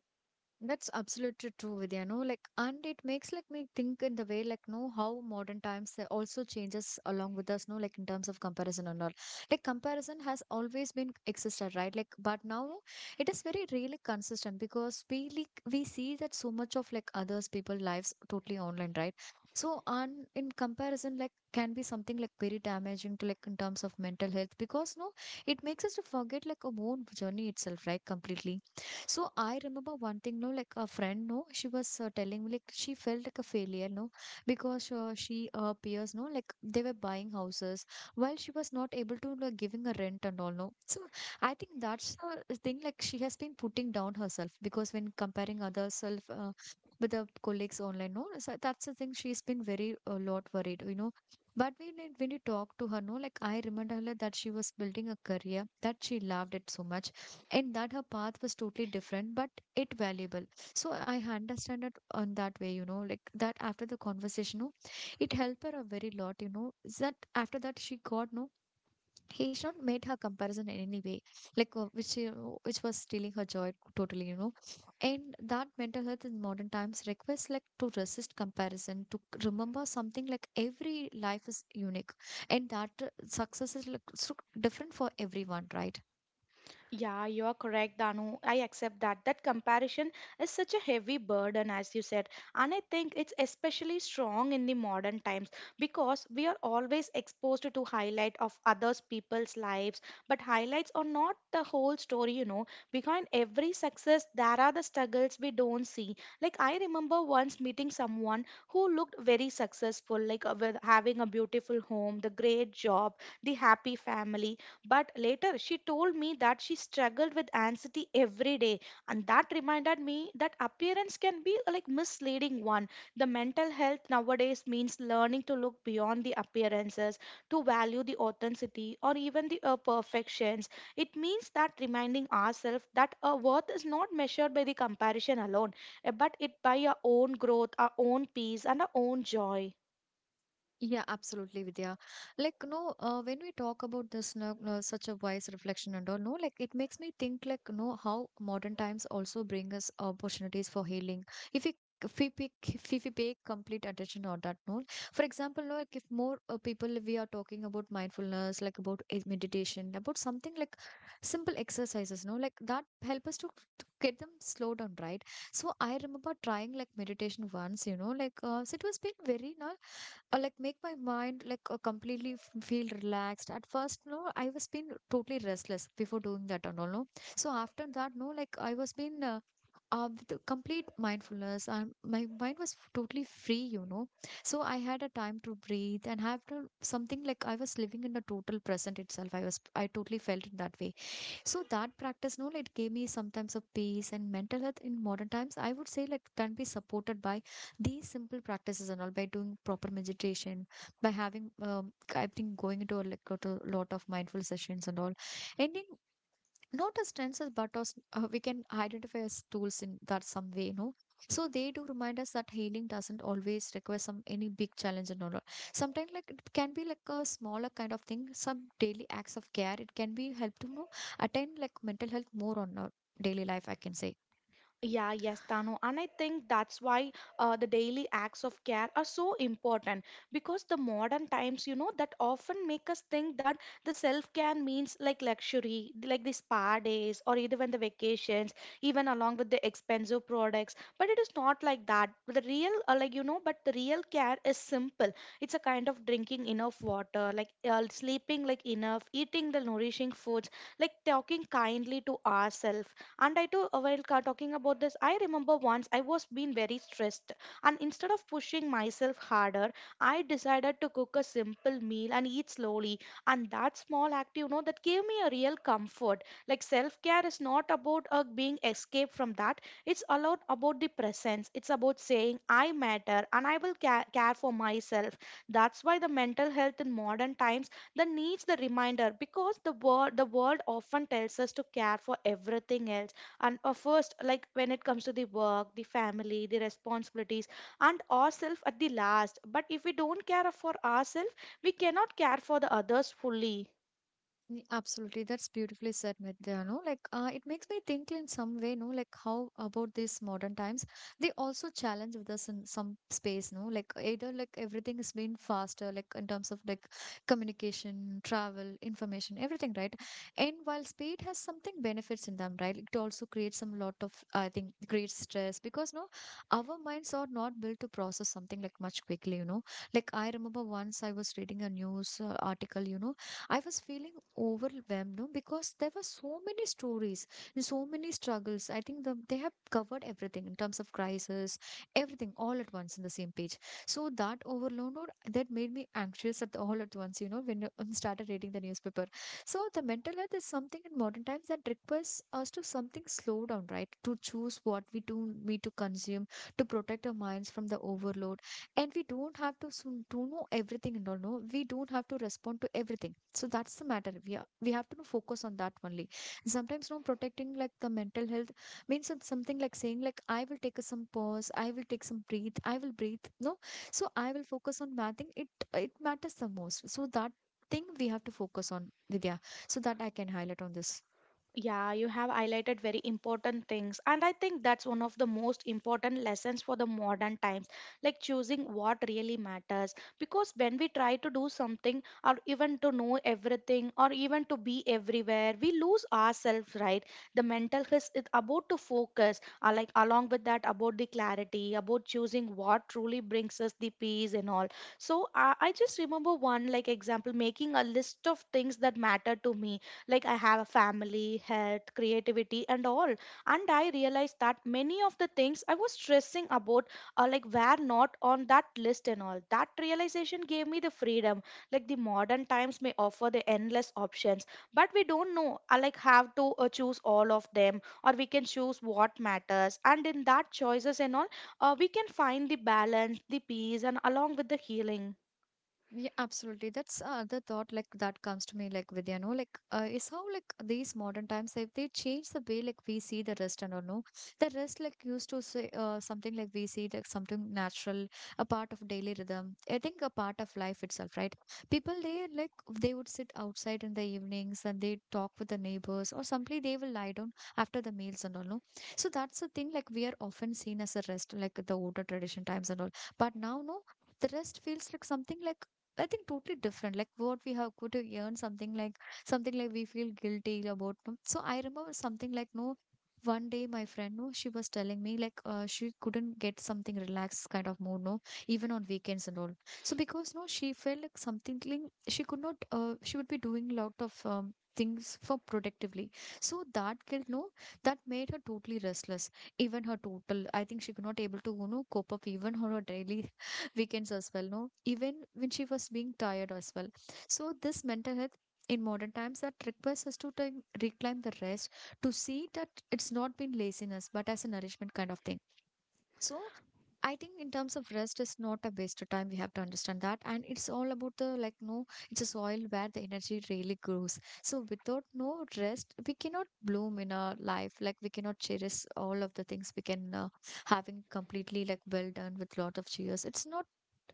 That's absolutely true, Vidya. No, like, and it makes like me think in the way like, no, how modern times they also changes along with us. No, like in terms of comparison and all. Like comparison has always been existed, right? Like, but now it is very really consistent because we see that so much of like others people lives totally online, right? So and in comparison, like can be something like very damaging to like in terms of mental health because no, it makes us to forget like our own journey itself, right? Completely. So I remember one thing, no, like a friend, no, she was telling me like she felt like a failure, no, because she peers, no, like they were buying houses while she was not able to like giving a rent and all, no. So I think that's the thing, like she has been putting down herself because when comparing other self with the colleagues online, no, so that's the thing she's been very a lot worried, you know. But when you talk to her, no, like I remember her like, that she was building a career that she loved it so much and that her path was totally different but it valuable so I understand it on that way, you know, like that after the conversation, no, it helped her a very lot, you know, is that after that she got no, he's not made her comparison in any way like, which you know, which was stealing her joy totally, you know, and that mental health in modern times requires like to resist comparison to remember something like every life is unique and that success is like so different for everyone, right? Yeah, you are correct, Danu. I accept that. That comparison is such a heavy burden, as you said. And I think it's especially strong in the modern times because we are always exposed to highlight of others people's lives. But highlights are not the whole story, you know. Behind every success, there are the struggles we don't see. Like I remember once meeting someone who looked very successful, like with having a beautiful home, the great job, the happy family, but later, she told me that she struggled with anxiety every day, and that reminded me that appearance can be a, like misleading one. The mental health nowadays means learning to look beyond the appearances, to value the authenticity or even the perfections. It means that reminding ourselves that our worth is not measured by the comparison alone, eh, but it by our own growth, our own peace, and our own joy. Yeah, absolutely, Vidya. Like, no, when we talk about this, no, no, such a wise reflection and all, no, like it makes me think, like, no, how modern times also bring us opportunities for healing. If we if we pick, if we pay complete attention on that note. For example, no, like if more people we are talking about mindfulness, like about meditation, about something like simple exercises, no, like that help us to get them slow down, right? So I remember trying like meditation once, you know, like so it was been very nice like make my mind like completely feel relaxed at first, no, I was been totally restless before doing that and all, no, so after that, no, like I was been with the complete mindfulness and my mind was totally free, you know, so I had a time to breathe and have to something like I was living in the total present itself. I totally felt in that way. So that practice, no, it gave me sometimes a peace and mental health in modern times. I would say like can be supported by these simple practices and all by doing proper meditation, by having I think going into a like go to a lot of mindful sessions and all. And in Not as trends as but as, we can identify as tools in that some way, you know, so they do remind us that healing doesn't always require some any big challenge and all that. Sometimes like it can be like a smaller kind of thing, some daily acts of care, it can be help to, you know, attain like mental health more on our daily life, I can say. Yeah, yes, Tanu. And I think that's why the daily acts of care are so important because the modern times, you know, that often make us think that the self care means like luxury, like the spa days or even the vacations, even along with the expensive products. But it is not like that. The real, like, you know, but the real care is simple. It's a kind of drinking enough water, like sleeping like enough, eating the nourishing foods, like talking kindly to ourselves, and I too, while talking about this, I remember once I was being very stressed, and instead of pushing myself harder, I decided to cook a simple meal and eat slowly. And that small act, you know, that gave me a real comfort. Like self care is not about being escaped from that. It's allowed about the presence. It's about saying I matter and I will care for myself. That's why the mental health in modern times that needs the reminder, because the world often tells us to care for everything else, and first, like when it comes to the work, the family, the responsibilities, and ourselves at the last. But if we don't care for ourselves, we cannot care for the others fully. Mm, absolutely, that's beautifully said, Vidya. No, like it makes me think in some way, no, like how about these modern times? They also challenge with us in some space, no, like either like everything has been faster, like in terms of like communication, travel, information, everything, right? And while speed has something benefits in them, right? It also creates some lot of, I think, creates stress because, no, our minds are not built to process something like much quickly, you know. Like I remember once I was reading a news article, you know, I was feeling overwhelmed, no, because there were so many stories and so many struggles. I think they have covered everything in terms of crisis, everything all at once in the same page. So that overload or that made me anxious at all at once. You know, when I started reading the newspaper. So the mental health is something in modern times that requires us to something slow down, right? To choose what we to consume, to protect our minds from the overload, and we don't have to soon to know everything and all, no, we don't have to respond to everything, so that's the matter we have to focus on that only. Sometimes, no, protecting like the mental health means it's something like saying like I will take some pause, I will take some breathe, I will breathe, no, so I will focus on mathing it, it matters the most. So that thing we have to focus on, Vidya, so that I can highlight on this. Yeah, you have highlighted very important things. And I think that's one of the most important lessons for the modern times, like choosing what really matters. Because when we try to do something or even to know everything or even to be everywhere, we lose ourselves, right? The mental health is about to focus, like along with that, about the clarity, about choosing what truly brings us the peace and all. So I just remember one like example, making a list of things that matter to me, like I have a family, health, creativity, and all. And I realized that many of the things I was stressing about like were not on that list, and all that realization gave me the freedom. Like the modern times may offer the endless options, but we don't know, like have to, choose all of them, or we can choose what matters. And in that choices and all, we can find the balance, the peace, and along with the healing. Yeah, absolutely. That's, other thought like that comes to me like with, you know, like is how like these modern times like they change the way like we see the rest and all, no, the rest like used to say, something like we see like something natural, a part of daily rhythm, I think a part of life itself, right? People they like, they would sit outside in the evenings and they talk with the neighbors or simply they will lie down after the meals and all, no, so that's the thing like we are often seen as a rest like the older tradition times and all, but now, no, the rest feels like something like, I think, totally different. Like what we have could earn something like, something like we feel guilty about, no? So I remember something like, no. One day, my friend, no, she was telling me like she couldn't get something relaxed kind of mood, no, even on weekends and all. So because, no, she felt like something like she could not. She would be doing lot of things for productively. So that guilt, no, that made her totally restless. Even her total, I think she could not able to, you know, cope up even her daily weekends as well, no, even when she was being tired as well. So this mental health in modern times that requires us to take, reclaim the rest, to see that it's not been laziness but as a nourishment kind of thing. So I think in terms of rest is not a waste of time, we have to understand that, and it's all about the like, no, it's a soil where the energy really grows. So without no rest we cannot bloom in our life, like we cannot cherish all of the things, we can, having completely like well done with lot of cheers, it's not,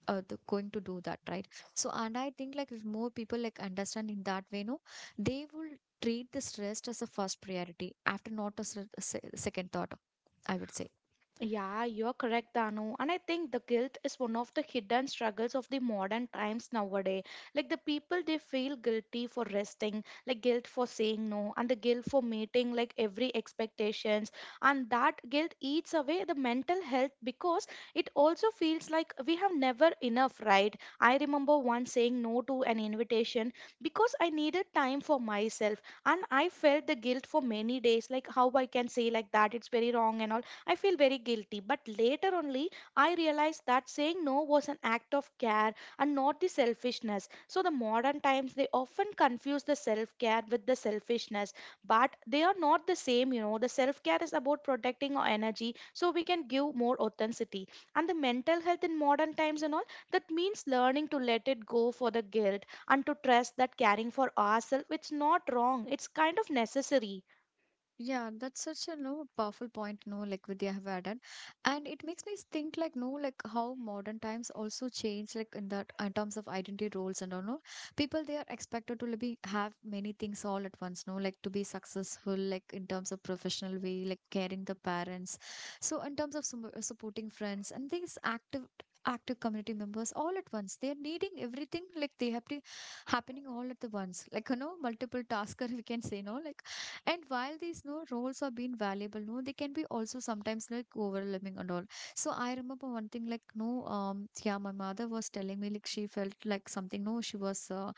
going to do that, right? So, and I think like if more people like understand in that way, no, they will treat this rest as a first priority after, not as a second thought, I would say. Yeah, you're correct, Danu. And I think the guilt is one of the hidden struggles of the modern times nowadays. Like the people, they feel guilty for resting, like guilt for saying no, and the guilt for meeting like every expectations. And that guilt eats away the mental health because it also feels like we have never enough, right? I remember once saying no to an invitation because I needed time for myself, and I felt the guilt for many days, like how I can say like that, it's very wrong and all. I feel very guilty. But later only, I realized that saying no was an act of care and not the selfishness. So, the modern times, they often confuse the self care with the selfishness, but they are not the same, you know. The self care is about protecting our energy so we can give more authenticity. And the mental health in modern times and all, that means learning to let it go for the guilt and to trust that caring for ourselves, it's not wrong, it's kind of necessary. Yeah, that's such a no powerful point, no, like Vidya have added. And it makes me think like, no, like how modern times also change like in that in terms of identity roles and all, no. People they are expected to be have many things all at once, no, like to be successful, like in terms of professional way, like caring the parents. So in terms of some, supporting friends, and these active community members all at once. They are needing everything like they have to happening all at the once. Like, you know, multiple tasker (laughs) we can say, no, like, and while these no roles are being valuable, no, they can be also sometimes like overwhelming and all. So I remember one thing like, no, yeah, my mother was telling me like she felt like something. No, she was uh,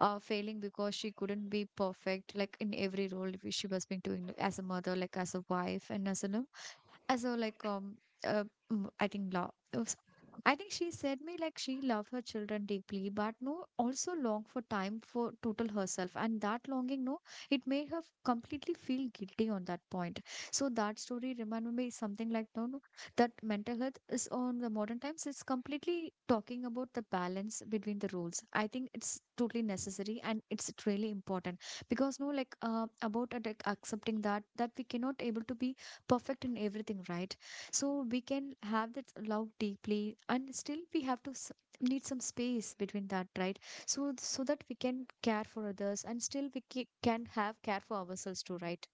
uh, failing because she couldn't be perfect like in every role she was being doing like, as a mother, like as a wife, and as a no so like uh, I think love. I think she said me like she loved her children deeply, but, no, also longed for time for total herself, and that longing, no, it made her completely feel guilty on that point. So that story reminded me something like, no, no, that mental health is on the modern times. It's completely talking about the balance between the roles. I think it's totally necessary and it's really important because, no, like about like accepting that we cannot able to be perfect in everything, right? So we can have that love deeply and still we have to need some space between that, right? So so that we can care for others and still we can have care for ourselves too, right?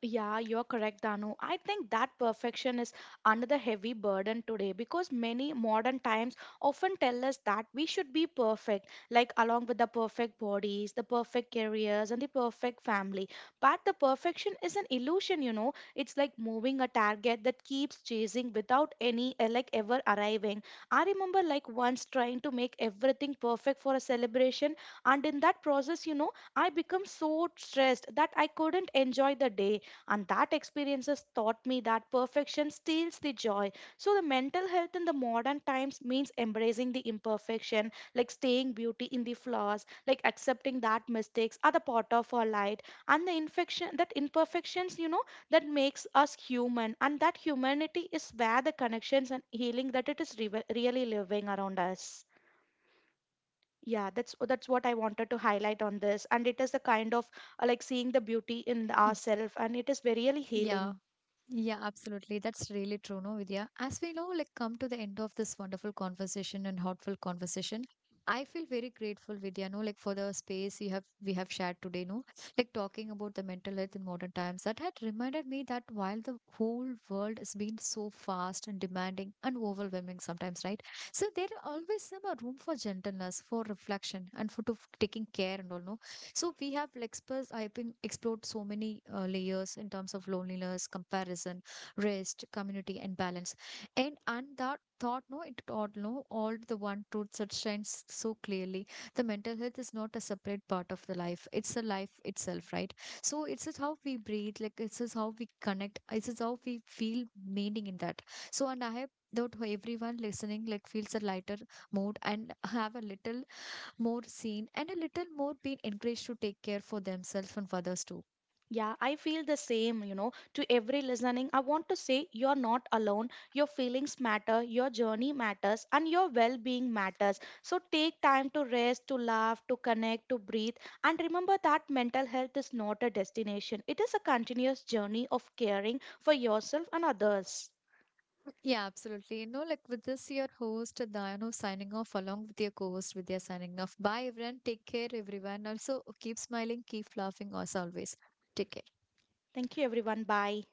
Yeah, you're correct, Danu. I think that perfection is another heavy burden today because many modern times often tell us that we should be perfect, like along with the perfect bodies, the perfect careers, and the perfect family. But the perfection is an illusion, you know. It's like moving a target that keeps chasing without any like ever arriving. I remember like once trying to make everything perfect for a celebration, and in that process, you know, I become so stressed that I couldn't enjoy the day. And that experiences taught me that perfection steals the joy. So, the mental health in the modern times means embracing the imperfection, like staying beauty in the flaws, like accepting that mistakes are the part of our life. And the infection, that imperfections, you know, that makes us human. And that humanity is where the connections and healing that it is really living around us. Yeah, that's what I wanted to highlight on this, and it is a kind of like seeing the beauty in Y- ourselves, and it is very really yeah. healing. Yeah, absolutely. That's really true, no, Vidya. As we know, like, come to the end of this wonderful conversation and heartful conversation. I feel very grateful, Vidya, no, like for the space you have we have shared today, no, like talking about the mental health in modern times. That had reminded me that while the whole world has been so fast and demanding and overwhelming sometimes, right? So there are always some room for gentleness, for reflection, and for to taking care and all, no, so we have like expressed, I've been explored so many layers in terms of loneliness, comparison, rest, community, and balance. And that thought, no, it all no, all the one truth that shines so clearly. The mental health is not a separate part of the life. It's the life itself, right? So it's just how we breathe, like it's just how we connect, it's just how we feel meaning in that. So and I have that everyone listening like feels a lighter mood and have a little more seen and a little more being encouraged to take care for themselves and for others too. Yeah, I feel the same, you know. To every listening, I want to say you're not alone. Your feelings matter, your journey matters, and your well being matters. So take time to rest, to laugh, to connect, to breathe. And remember that mental health is not a destination, it is a continuous journey of caring for yourself and others. (clears throat) Yeah, absolutely. You know, like with this, your host Dayano signing off along with your co-host Vidya signing off. Bye, everyone. Take care, everyone. Also, keep smiling, keep laughing as always. Take care. Thank you, everyone. Bye.